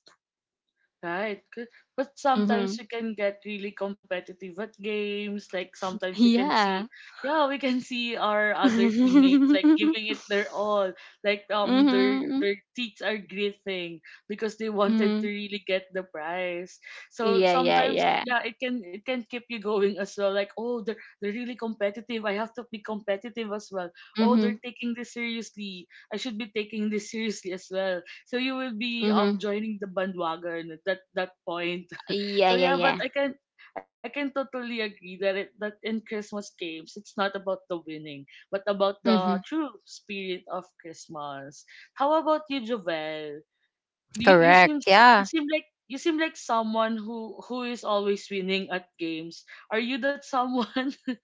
[SPEAKER 1] Right. Good. But
[SPEAKER 2] Mm-hmm.
[SPEAKER 1] sometimes you can get really competitive at games. Like sometimes you can see,
[SPEAKER 2] Yeah.
[SPEAKER 1] yeah, we can see our other teammates like
[SPEAKER 2] Mm-hmm.
[SPEAKER 1] giving it their all. Like their teeth are gritting because they wanted to
[SPEAKER 2] Mm-hmm.
[SPEAKER 1] really get the prize. So
[SPEAKER 2] Yeah, yeah,
[SPEAKER 1] sometimes,
[SPEAKER 2] yeah.
[SPEAKER 1] yeah, it can keep you going as well. Like oh, they're really competitive. I have to be competitive as well. Oh,
[SPEAKER 2] Mm-hmm.
[SPEAKER 1] they're taking this seriously. I should be taking this seriously as well, so you will be
[SPEAKER 2] Mm-hmm.
[SPEAKER 1] joining the bandwagon at that point.
[SPEAKER 2] Yeah,
[SPEAKER 1] So
[SPEAKER 2] yeah,
[SPEAKER 1] yeah, but
[SPEAKER 2] yeah.
[SPEAKER 1] I can totally agree that that in Christmas games it's not about the winning, but about the
[SPEAKER 2] Mm-hmm.
[SPEAKER 1] true spirit of Christmas. How about you, Jovel? You you
[SPEAKER 3] correct.
[SPEAKER 1] seem you
[SPEAKER 3] Yeah.
[SPEAKER 1] seem like, you seem like someone who is always winning at games. Are you that someone?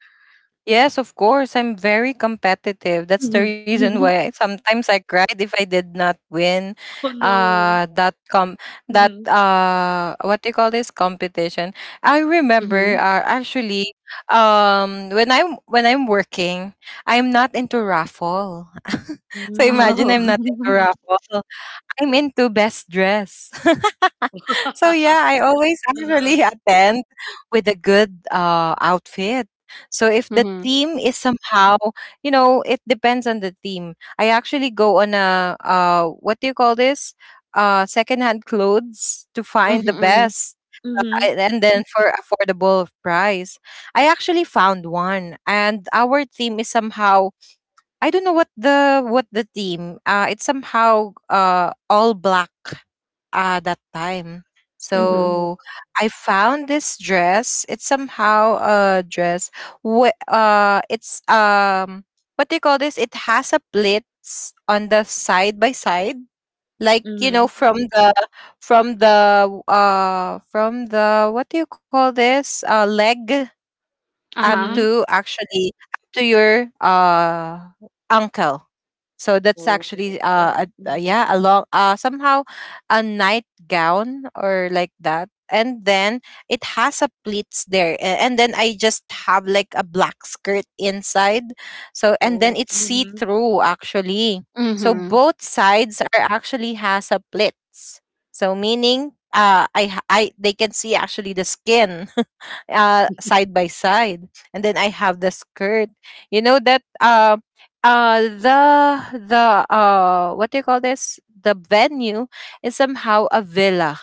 [SPEAKER 3] Yes, of course. I'm very competitive. That's the reason
[SPEAKER 2] Mm-hmm.
[SPEAKER 3] why I, sometimes I cried if I did not win
[SPEAKER 1] Oh no.
[SPEAKER 3] uh that com that,
[SPEAKER 1] Mm-hmm.
[SPEAKER 3] what do you call this, competition. I remember,
[SPEAKER 2] Mm-hmm.
[SPEAKER 3] actually when I'm, when I'm working, I'm not into raffle. So imagine
[SPEAKER 1] Mm-hmm.
[SPEAKER 2] Oh.
[SPEAKER 3] I'm not into raffle. I'm into best dress. So yeah, I always actually attend with a good outfit. So if the
[SPEAKER 2] Mm-hmm.
[SPEAKER 3] theme is somehow, you know, it depends on the theme. I actually go on a what do you call this? Secondhand clothes to find the
[SPEAKER 2] Mm-hmm.
[SPEAKER 3] best uh, And then for affordable price, I actually found one, and our theme is somehow, I don't know what the theme. It's somehow all black, that time.
[SPEAKER 2] Mm-hmm.
[SPEAKER 1] Oh.
[SPEAKER 3] So I found this dress. It's somehow a dress. It's what do you call this? It has a pleats on the side by side, like you
[SPEAKER 1] Mm-hmm.
[SPEAKER 3] know, from the what do you call this? Leg up
[SPEAKER 1] Mm-hmm.
[SPEAKER 2] Uh-huh.
[SPEAKER 3] to actually up to your ankle, so that's
[SPEAKER 1] Oh,
[SPEAKER 3] actually
[SPEAKER 1] right. mm Mhm.
[SPEAKER 3] yeah, a long somehow a nightgown or like that, and then it has a pleats there, and then I just have like a black skirt inside, so and then
[SPEAKER 1] Oh,
[SPEAKER 3] it's see
[SPEAKER 1] mhm,
[SPEAKER 3] through actually. So both sides are actually has a pleats. So meaning I they can see actually the skin side by side, and then I have the skirt. You know that, the what do you call this, the venue is somehow a villa,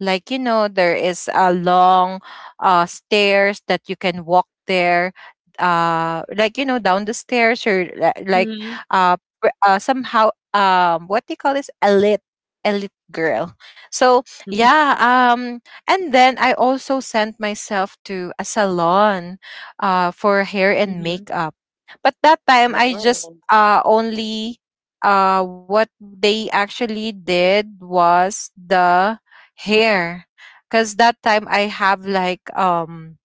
[SPEAKER 3] like you know there is a long stairs that you can walk there, like you know, down the stairs, or like,
[SPEAKER 1] mhm, mhm.
[SPEAKER 3] uh, somehow, what do you call this, elite girl. So yeah. And then I also sent myself to a salon for hair and makeup, but that time I just
[SPEAKER 1] Wow.
[SPEAKER 3] only what they actually did was the hair, because that time I have like,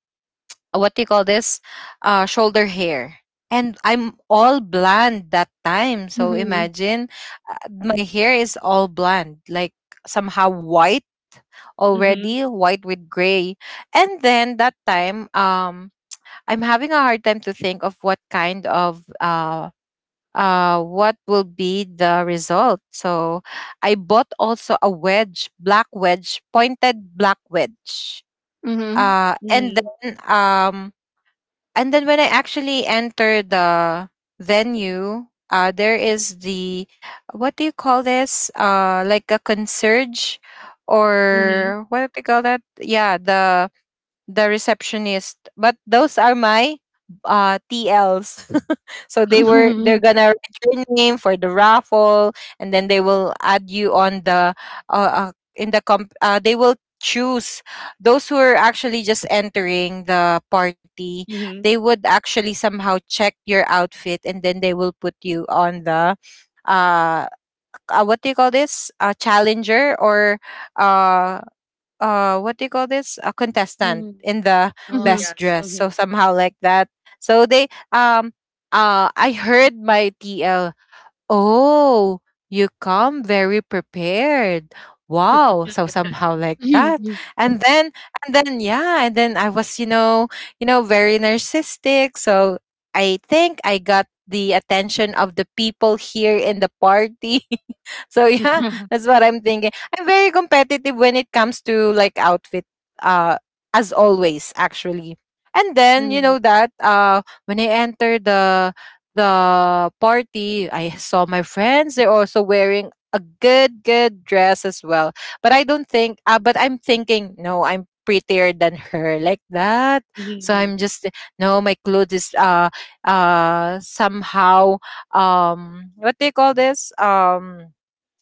[SPEAKER 3] what do you call this, shoulder hair. And I'm all blonde that time, so
[SPEAKER 2] Mm-hmm.
[SPEAKER 3] imagine, my hair is all blonde, like somehow white,
[SPEAKER 1] mm
[SPEAKER 3] already white with gray. And then that time, I'm having a hard time to think of what kind of what will be the result. So I bought also a wedge, black wedge, pointed black wedge.
[SPEAKER 2] Mhm.
[SPEAKER 3] And
[SPEAKER 1] Mhm,
[SPEAKER 3] then and then when I actually enter the venue, there is the, what do you call this? Like a concierge,
[SPEAKER 1] mm
[SPEAKER 3] or what do you call that? Yeah, the receptionist. But those are my TLs. So they're
[SPEAKER 2] Mhm,
[SPEAKER 3] gonna write your name for the raffle, and then they will add you on the in the comp. They will choose those who are actually just entering the party.
[SPEAKER 1] mhm, mm mhm,
[SPEAKER 3] They would actually somehow check your outfit, and then they will put you on the, uh, what do you call this? A challenger, or uh what do you call this, a
[SPEAKER 1] mhm,
[SPEAKER 3] contestant
[SPEAKER 1] mhm.
[SPEAKER 3] in the
[SPEAKER 1] Oh,
[SPEAKER 2] mhm,
[SPEAKER 1] yes.
[SPEAKER 3] best
[SPEAKER 1] mm
[SPEAKER 3] dress, so somehow like that. So they, um I heard my TL, "Oh, you come very prepared. Wow." So somehow like
[SPEAKER 2] mhm,
[SPEAKER 3] that.
[SPEAKER 2] mhm.
[SPEAKER 3] And then, yeah, and then I was, you know, very narcissistic. So I think I got the attention of the people here in the party. So yeah,
[SPEAKER 1] Mhm.
[SPEAKER 3] that's what I'm thinking. I'm very competitive when it comes to like outfit, uh as always actually. And then, you
[SPEAKER 1] mm
[SPEAKER 3] know that when I entered the party, I saw my friends. They're also wearing a good, good dress as well. But I don't think, but I'm thinking, "No, I'm prettier than her," like that.
[SPEAKER 1] Mhm,
[SPEAKER 3] So I'm
[SPEAKER 1] mhm,
[SPEAKER 3] just, "No, my clothes is somehow, what do you call this?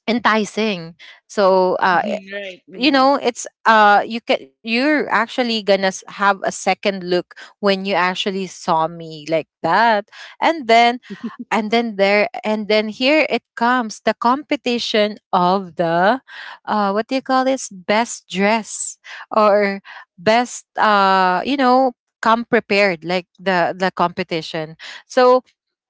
[SPEAKER 3] Enticing." So,
[SPEAKER 1] mhm. Right.
[SPEAKER 3] you know,
[SPEAKER 1] mm
[SPEAKER 3] it's, you're actually gonna have a second look when you actually saw me like that. And then, here it comes the competition of the what do you call this, best dress, or best come prepared, like the competition. So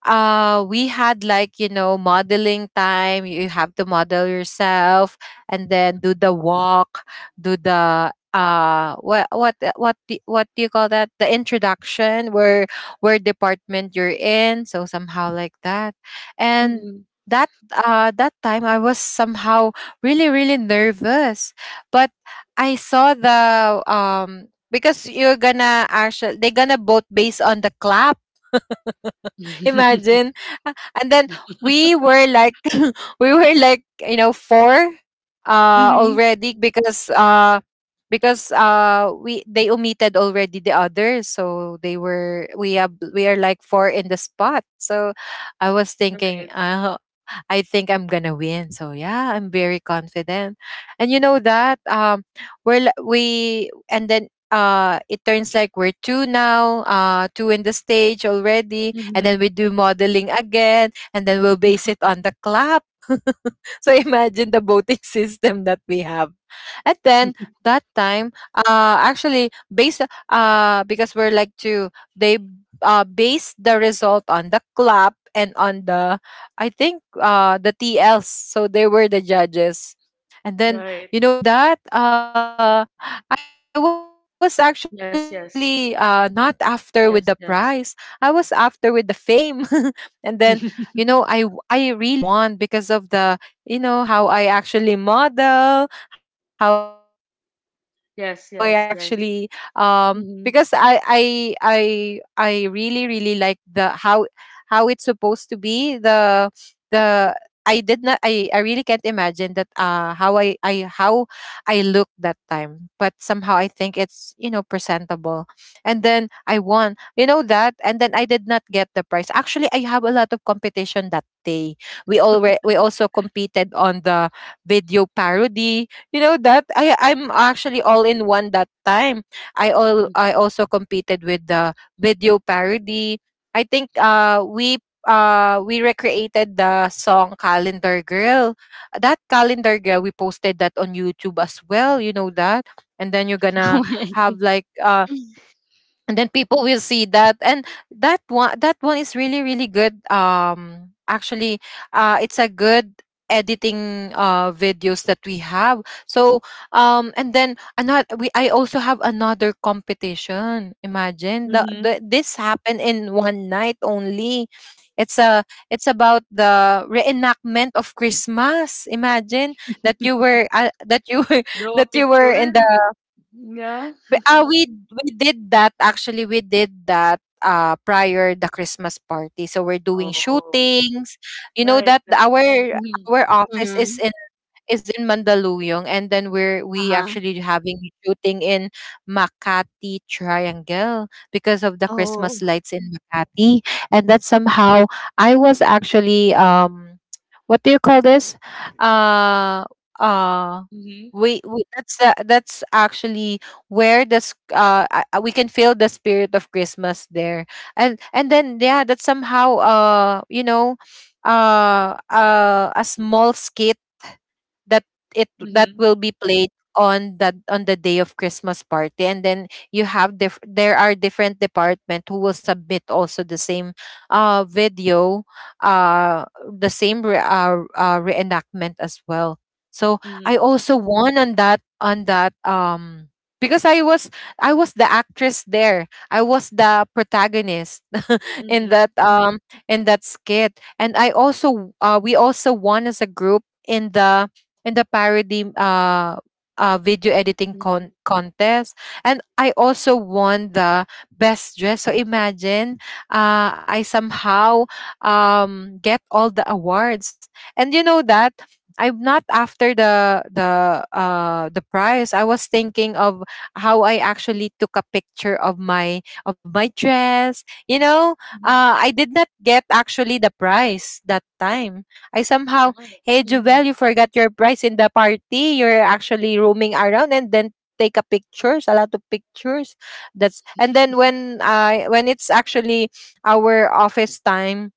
[SPEAKER 3] we had, like you know, modeling time, you have to model yourself, and then do the walk, do the what do you call that, the introduction, where department you're in, so somehow like that. And
[SPEAKER 1] Mhm.
[SPEAKER 3] that that time I was somehow really, really nervous, but I saw the, because you're gonna actually they're gonna vote based on the clap.
[SPEAKER 1] mm
[SPEAKER 3] Imagine. Uh, And then we were like we were like, you know, four
[SPEAKER 1] Mhm. mm Mhm.
[SPEAKER 3] already, because we they omitted already the others, so they were we have we are like four in the spot. So I was thinking,
[SPEAKER 1] Right.
[SPEAKER 3] I think I'm gonna win. So yeah, I'm very confident. And you know that, we're li- we and then it turns like we're two now, two in the stage already,
[SPEAKER 1] mm
[SPEAKER 3] and then
[SPEAKER 1] Mhm.
[SPEAKER 3] we do modeling again, and then we'll base it on the clap. So imagine the voting system that we have. And then that time, actually based, because we're like to, they base the result on the clap, and on the, I think, the T Ls. So they were the judges. And then,
[SPEAKER 1] Right.
[SPEAKER 3] you know that I was actually not
[SPEAKER 1] Yes,
[SPEAKER 3] after with
[SPEAKER 1] yes.
[SPEAKER 3] the prize. I was
[SPEAKER 1] Yes,
[SPEAKER 3] after
[SPEAKER 1] yes.
[SPEAKER 3] with the fame. And then, you know, I really want, because of the, you know, how I actually model, how I actually, because
[SPEAKER 1] Yes, yes, yes.
[SPEAKER 3] I
[SPEAKER 1] mm
[SPEAKER 3] really, really like the how it's supposed to be the, I did not I I really can't imagine that how I how I look that time, but somehow I think it's, presentable. And then I want, you know that? And then I did not get the prize. Actually, I have a lot of competition that day. We also competed on the video parody. You know that? I'm actually all in one that time. I also
[SPEAKER 1] Mhm.
[SPEAKER 3] competed with the video parody. I think we recreated the song Calendar Girl. That Calendar Girl, we posted that on YouTube as well, you know that? And then you're gonna
[SPEAKER 2] Oh my
[SPEAKER 3] have like and then people will see that, and that one is really, really good, actually. It's a good editing videos that we have. So and then another, we I also have another competition.
[SPEAKER 1] mm
[SPEAKER 3] Imagine,
[SPEAKER 1] Mhm.
[SPEAKER 3] the this happened in one night only. it's a it's about the reenactment of Christmas. Imagine that you were,
[SPEAKER 1] Draw a
[SPEAKER 3] that you were
[SPEAKER 1] picture.
[SPEAKER 3] in the
[SPEAKER 1] Yeah.
[SPEAKER 3] B ah, we did that actually, we did that, prior the Christmas party. So we're doing
[SPEAKER 1] Oh,
[SPEAKER 3] shootings, you know
[SPEAKER 1] right.
[SPEAKER 3] that,
[SPEAKER 1] Right.
[SPEAKER 3] our
[SPEAKER 1] Mm-hmm.
[SPEAKER 3] office
[SPEAKER 2] Mhm.
[SPEAKER 3] is in Mandaluyong, and then we
[SPEAKER 2] Uh-huh.
[SPEAKER 3] actually having shooting in Makati Triangle because of the
[SPEAKER 2] Oh.
[SPEAKER 3] Christmas lights in Makati, and that somehow I was actually, what do you call this? Uh, uh.
[SPEAKER 1] Mhm,
[SPEAKER 3] That's actually where this we can feel the spirit of Christmas there. And then, yeah, that's somehow, a small scale, that it that
[SPEAKER 1] mhm,
[SPEAKER 3] will be played on the day of Christmas party. And then, there are different department who will submit also the same video, the same reenactment as well. So I
[SPEAKER 1] mhm,
[SPEAKER 3] also won on that, because I was the actress there. I was the protagonist in
[SPEAKER 1] mhm,
[SPEAKER 3] that, in that skit. And I also we also won as a group in the parody video editing
[SPEAKER 1] mhm,
[SPEAKER 3] contest. And I also won the best dress. So imagine, I somehow, get all the awards. And you know that I'm not after the prize. I was thinking of how I actually took a picture of my dress, you know.
[SPEAKER 1] mhm,
[SPEAKER 3] I did not get actually the price that time. I somehow,
[SPEAKER 1] right,
[SPEAKER 3] "Hey Jovel,
[SPEAKER 1] mhm,
[SPEAKER 3] you forgot your price in the party." You're actually roaming around, and then take a pictures, a lot of pictures. That's, and then when I, when it's actually our office time,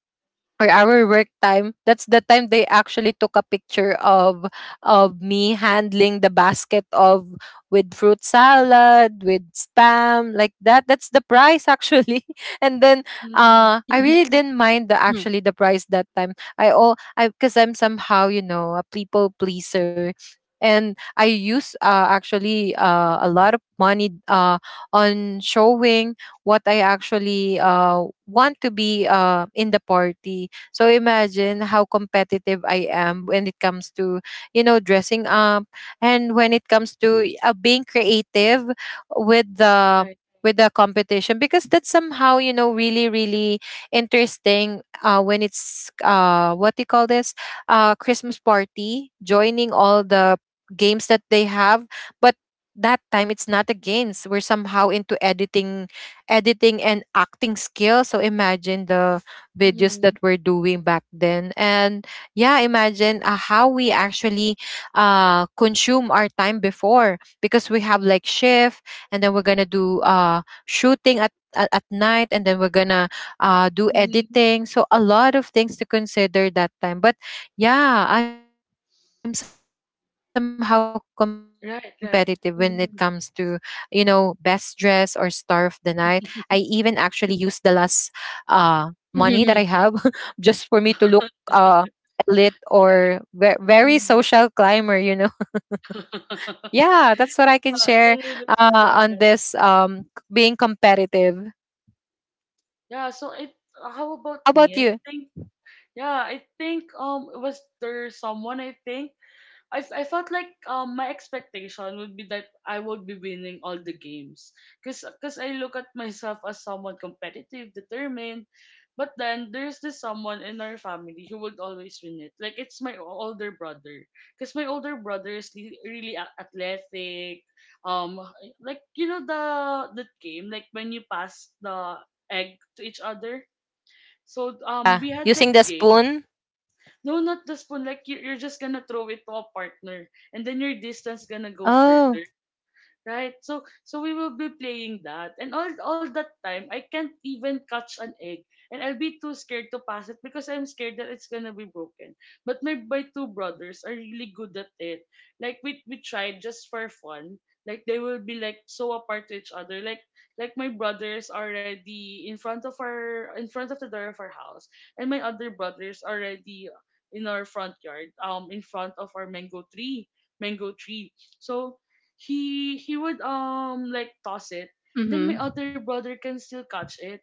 [SPEAKER 3] or our work time, that's the time they actually took a picture of me handling the basket of, with fruit salad with spam, like that. That's the price actually. And then
[SPEAKER 1] mhm,
[SPEAKER 3] I really didn't mind the
[SPEAKER 2] Mhm.
[SPEAKER 3] actually the price that time, I all I because I'm somehow, a people pleaser. And I use, actually, a lot of money on showing what I actually, want to be, in the party. So imagine how competitive I am when it comes to, you know, dressing up, and when it comes to being creative with the
[SPEAKER 1] right,
[SPEAKER 3] competition, because that's somehow, you know, really, really interesting, when it's, what do you call this, Christmas party, joining all the games that they have. But that time it's not a games, we're somehow into editing, editing and acting skills. So imagine the videos
[SPEAKER 1] mhm,
[SPEAKER 3] that we're doing back then. And yeah, imagine, how we actually, consume our time before, because we have like shift, and then we're going to do, shooting at night, and then we're gonna, do
[SPEAKER 1] mhm,
[SPEAKER 3] editing. So a lot of things to consider that time, but yeah, I'm somehow competitive when it comes to, you know, best
[SPEAKER 1] right,
[SPEAKER 3] dress
[SPEAKER 1] right,
[SPEAKER 3] or star of the
[SPEAKER 1] mhm,
[SPEAKER 3] night. I even actually use the last uh money that I have just for me to look,
[SPEAKER 2] Mhm,
[SPEAKER 3] uh elite, or very
[SPEAKER 1] right,
[SPEAKER 3] social climber, you know.
[SPEAKER 1] mhm.
[SPEAKER 3] Yeah, that's what I can share,
[SPEAKER 1] Yeah, I can
[SPEAKER 3] on this,
[SPEAKER 1] relate to that.
[SPEAKER 3] being competitive.
[SPEAKER 1] Yeah, so it
[SPEAKER 3] How about
[SPEAKER 1] how
[SPEAKER 3] you?
[SPEAKER 1] about me? I think was there someone, I think I felt like my expectation would be that I would be winning all the games, because I look at myself as someone competitive, determined, but then there's this someone in our family who would always win it. Like it's my older brother, because my older brother is really athletic. Um, like you know the that game like when you pass the egg to each other. So
[SPEAKER 3] Ah,
[SPEAKER 1] we had that
[SPEAKER 3] using the
[SPEAKER 1] game.
[SPEAKER 3] spoon?
[SPEAKER 1] No, not the spoon. Like you, you're just gonna throw it to a partner, and then your distance gonna go
[SPEAKER 3] Oh.
[SPEAKER 1] further. Right? So so we will be playing that. And all that time I can't even catch an egg. And I'll be too scared to pass it because I'm scared that it's gonna be broken. But my two brothers are really good at it. Like we tried just for fun. Like they will be like so apart to each other. Like my brothers already in front of our, in front of the door of our house. And my other brothers already in our front yard, in front of our mango tree. So he would like toss it. Then my
[SPEAKER 2] mhm,
[SPEAKER 1] other brother can still catch it.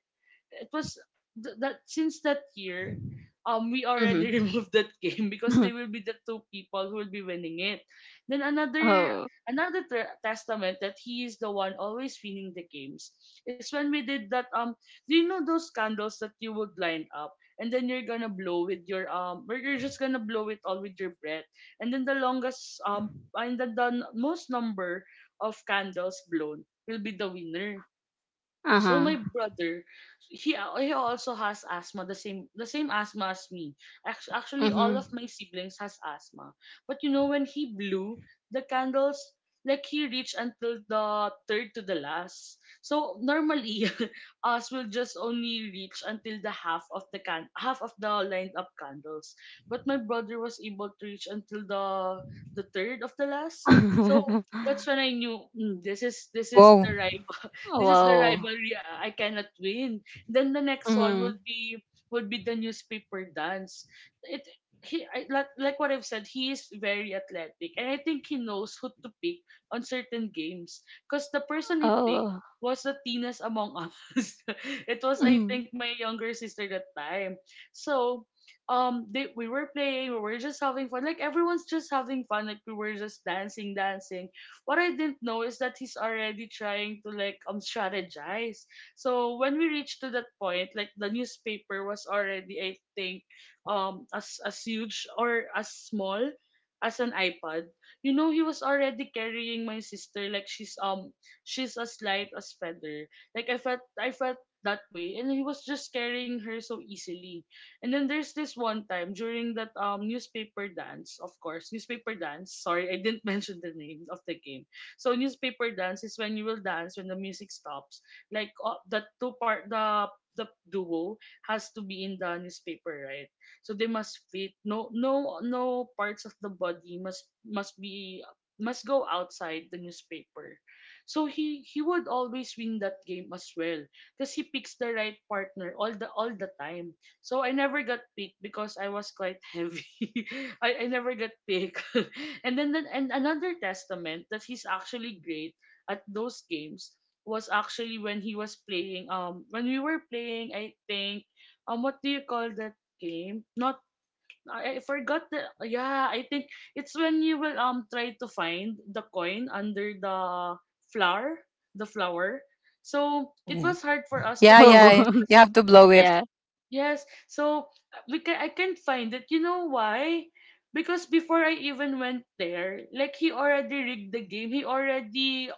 [SPEAKER 1] it was that since that year we
[SPEAKER 2] mhm,
[SPEAKER 1] already
[SPEAKER 2] mhm.
[SPEAKER 1] removed that game, because they will be the two people who will be winning it. Then
[SPEAKER 2] Oh.
[SPEAKER 1] another testament that he is the one always winning the games is when we did that, um, do you know those candles that you would line up, and then you're gonna blow with your um, or you're just gonna blow it all with your breath, and then the longest and then most number of candles blown will be the winner. So my
[SPEAKER 2] Uh-huh.
[SPEAKER 1] brother, he also has asthma, the same, the same asthma as me. Actually all of
[SPEAKER 2] Mhm.
[SPEAKER 1] my siblings has asthma. But you know, when he blew the candles, like he reached until the third to the last. So normally us will just only reach until the half of the can half of the lined up candles, but my brother was able to reach until the third of the last. So that's when I knew, "Mm, this
[SPEAKER 3] Wow.
[SPEAKER 1] is, this is the right, this is the
[SPEAKER 2] Wow.
[SPEAKER 1] rivalry I cannot win." Then the next one
[SPEAKER 2] Mhm.
[SPEAKER 1] would be the newspaper dance. It like what I've said, he is very athletic, and I think he knows who to pick on certain games. Cause the person he picked
[SPEAKER 2] Oh.
[SPEAKER 1] was the teenest among us. It was, I
[SPEAKER 2] Mhm.
[SPEAKER 1] think, my younger sister that time. So we were playing, we were just having fun, like everyone's just having fun, like we were just dancing. What I didn't know is that he's already trying to, like, strategize. So when we reached to that point, like, the newspaper was already, I think, as huge or as small as an iPad. You know, he was already carrying my sister like she's as light as feather. Like, I felt that way and he was just carrying her so easily. And then there's this one time during that newspaper dance, of course, newspaper dance. Sorry, I didn't mention the name of the game. So newspaper dance is when you will dance when the music stops. Like, the two part the duo has to be in the newspaper, right? So they must fit. No, parts of the body must be must go outside the newspaper. So he would always win that game as well because he picks the right partner all the time, so I never got picked because I was quite heavy. I never got picked. And then and another testament that he's actually great at those games was actually when he was playing, when we were playing, I think, what do you call that game? Not I forgot the, yeah, I think it's when you will try to find the coin under the flower, the
[SPEAKER 3] Mm.
[SPEAKER 1] flower.
[SPEAKER 3] Yeah,
[SPEAKER 1] So it
[SPEAKER 3] yeah.
[SPEAKER 1] was
[SPEAKER 3] You
[SPEAKER 1] hard
[SPEAKER 3] have
[SPEAKER 1] for
[SPEAKER 3] to
[SPEAKER 1] us to
[SPEAKER 3] blow it.
[SPEAKER 1] find it
[SPEAKER 2] Oh.
[SPEAKER 1] because, because
[SPEAKER 2] Yeah.
[SPEAKER 1] yes, so we can, I can't find it. You know why? Because before I even went there, like, he already rigged the game.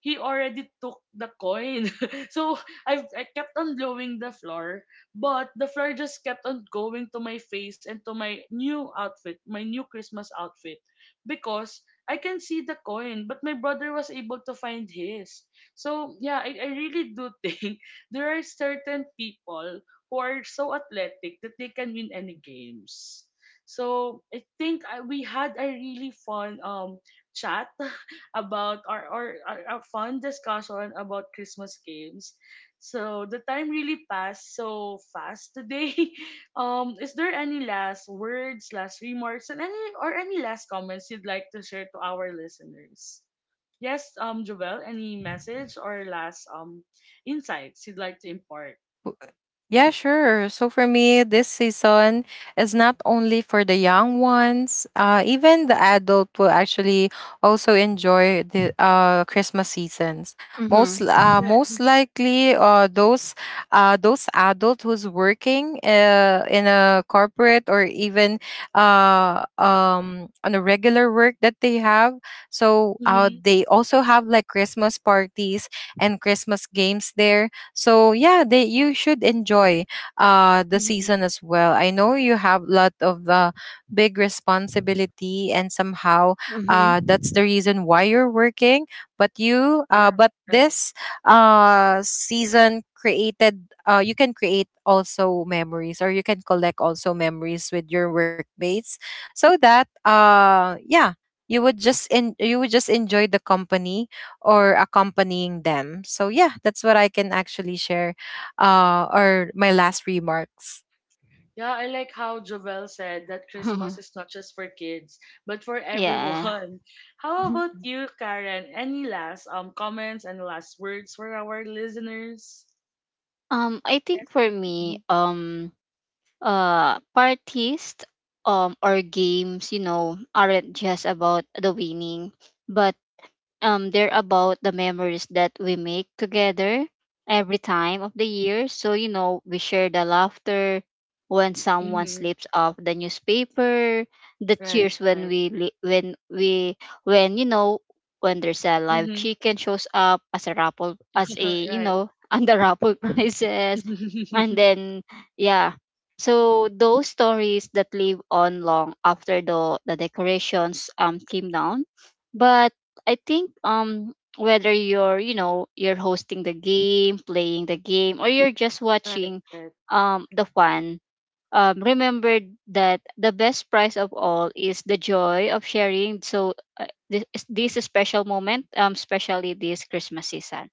[SPEAKER 1] He already took the coin. So I kept on blowing the floor. But the flare just kept on going to my face and to my new outfit, my new Christmas outfit. Because I can see the coin, but my brother was able to find his. So, yeah, I really do think there are certain people who are so athletic that they can win any games. So, we had a really fun chat about our fun discussion about Christmas games. So the time really passed so fast today. Is there any last words, last remarks, and any, or any last comments you'd like to share to our listeners? Yes, Jovel, any message or last insights you'd like to impart?
[SPEAKER 3] Yeah, sure. So for me, this season is not only for the young ones. Even the adult will actually also enjoy the, Christmas seasons. Most,
[SPEAKER 2] Mhm.
[SPEAKER 1] Right.
[SPEAKER 3] most
[SPEAKER 1] Mm-hmm.
[SPEAKER 3] likely, those, those adult who's working, in a corporate, or even, on a regular work that they have. So
[SPEAKER 1] Mm-hmm.
[SPEAKER 3] they also have like Christmas parties and Christmas games there, so yeah, they you should enjoy the
[SPEAKER 1] Mm-hmm.
[SPEAKER 3] season as well. I know you have a lot of, big responsibility, and somehow that's
[SPEAKER 2] Mhm.
[SPEAKER 3] the reason why you're working, but you
[SPEAKER 1] Right.
[SPEAKER 3] but
[SPEAKER 1] Right.
[SPEAKER 3] this season, created you can create also memories, or you can collect also memories with your workmates, so that yeah, you would just enjoy the company, or accompanying them. So yeah, that's what I can actually share, or my last remarks.
[SPEAKER 1] Yeah, I like how Jovel said that Christmas
[SPEAKER 2] Mhm.
[SPEAKER 1] is not just for kids, but for
[SPEAKER 2] Yeah.
[SPEAKER 1] everyone. How about you, Karen? Any last comments and last words for our listeners?
[SPEAKER 2] I
[SPEAKER 1] Yes,
[SPEAKER 2] think for
[SPEAKER 1] Karen.
[SPEAKER 2] me, parties or games, you know, aren't just about the winning, but they're about the memories that we make together every time of the year. So you know, we share the laughter when someone
[SPEAKER 1] Mm-hmm.
[SPEAKER 2] slips off the newspaper, the
[SPEAKER 1] Right,
[SPEAKER 2] cheers when
[SPEAKER 1] right.
[SPEAKER 2] when we, when you know, when there's a live
[SPEAKER 1] Mm-hmm.
[SPEAKER 2] chicken shows up as a raffle, as a, you
[SPEAKER 1] Right.
[SPEAKER 2] know, under raffle prizes, and then yeah, so those stories that live on long after the decorations came down. But I think whether you're you know you're hosting the game, playing the game, or you're just
[SPEAKER 1] Right,
[SPEAKER 2] watching
[SPEAKER 1] right.
[SPEAKER 2] the fun. Remember that the best prize of all is the joy of sharing. So this this special moment, especially this Christmas season.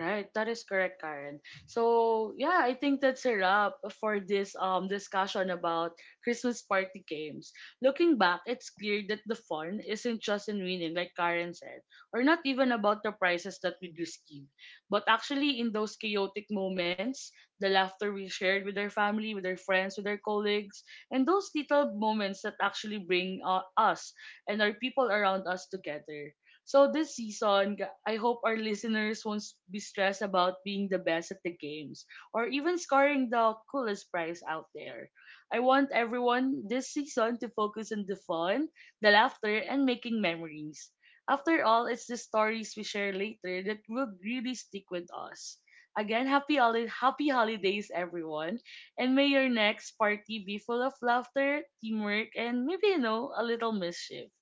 [SPEAKER 1] Right, that is correct, Karen. So yeah, I think that's a wrap for this discussion about Christmas party games. Looking back, it's clear that the fun isn't just in winning, like Karen said, or not even about the prizes that we receive, but actually in those chaotic moments, the laughter we shared with our family, with our friends, with our colleagues, and those little moments that actually bring, us and our people around us together. So this season, I hope our listeners won't be stressed about being the best at the games or even scoring the coolest prize out there. I want everyone this season to focus on the fun, the laughter, and making memories. After all, it's the stories we share later that will really stick with us. Again, happy holidays, everyone, and may your next party be full of laughter, teamwork, and maybe, you know, a little mischief.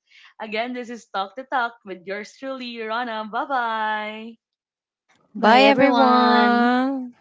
[SPEAKER 1] Again, this is Talk to Talk with yours truly, Rana. Bye bye.
[SPEAKER 3] Bye
[SPEAKER 2] Bye everyone.
[SPEAKER 3] everyone.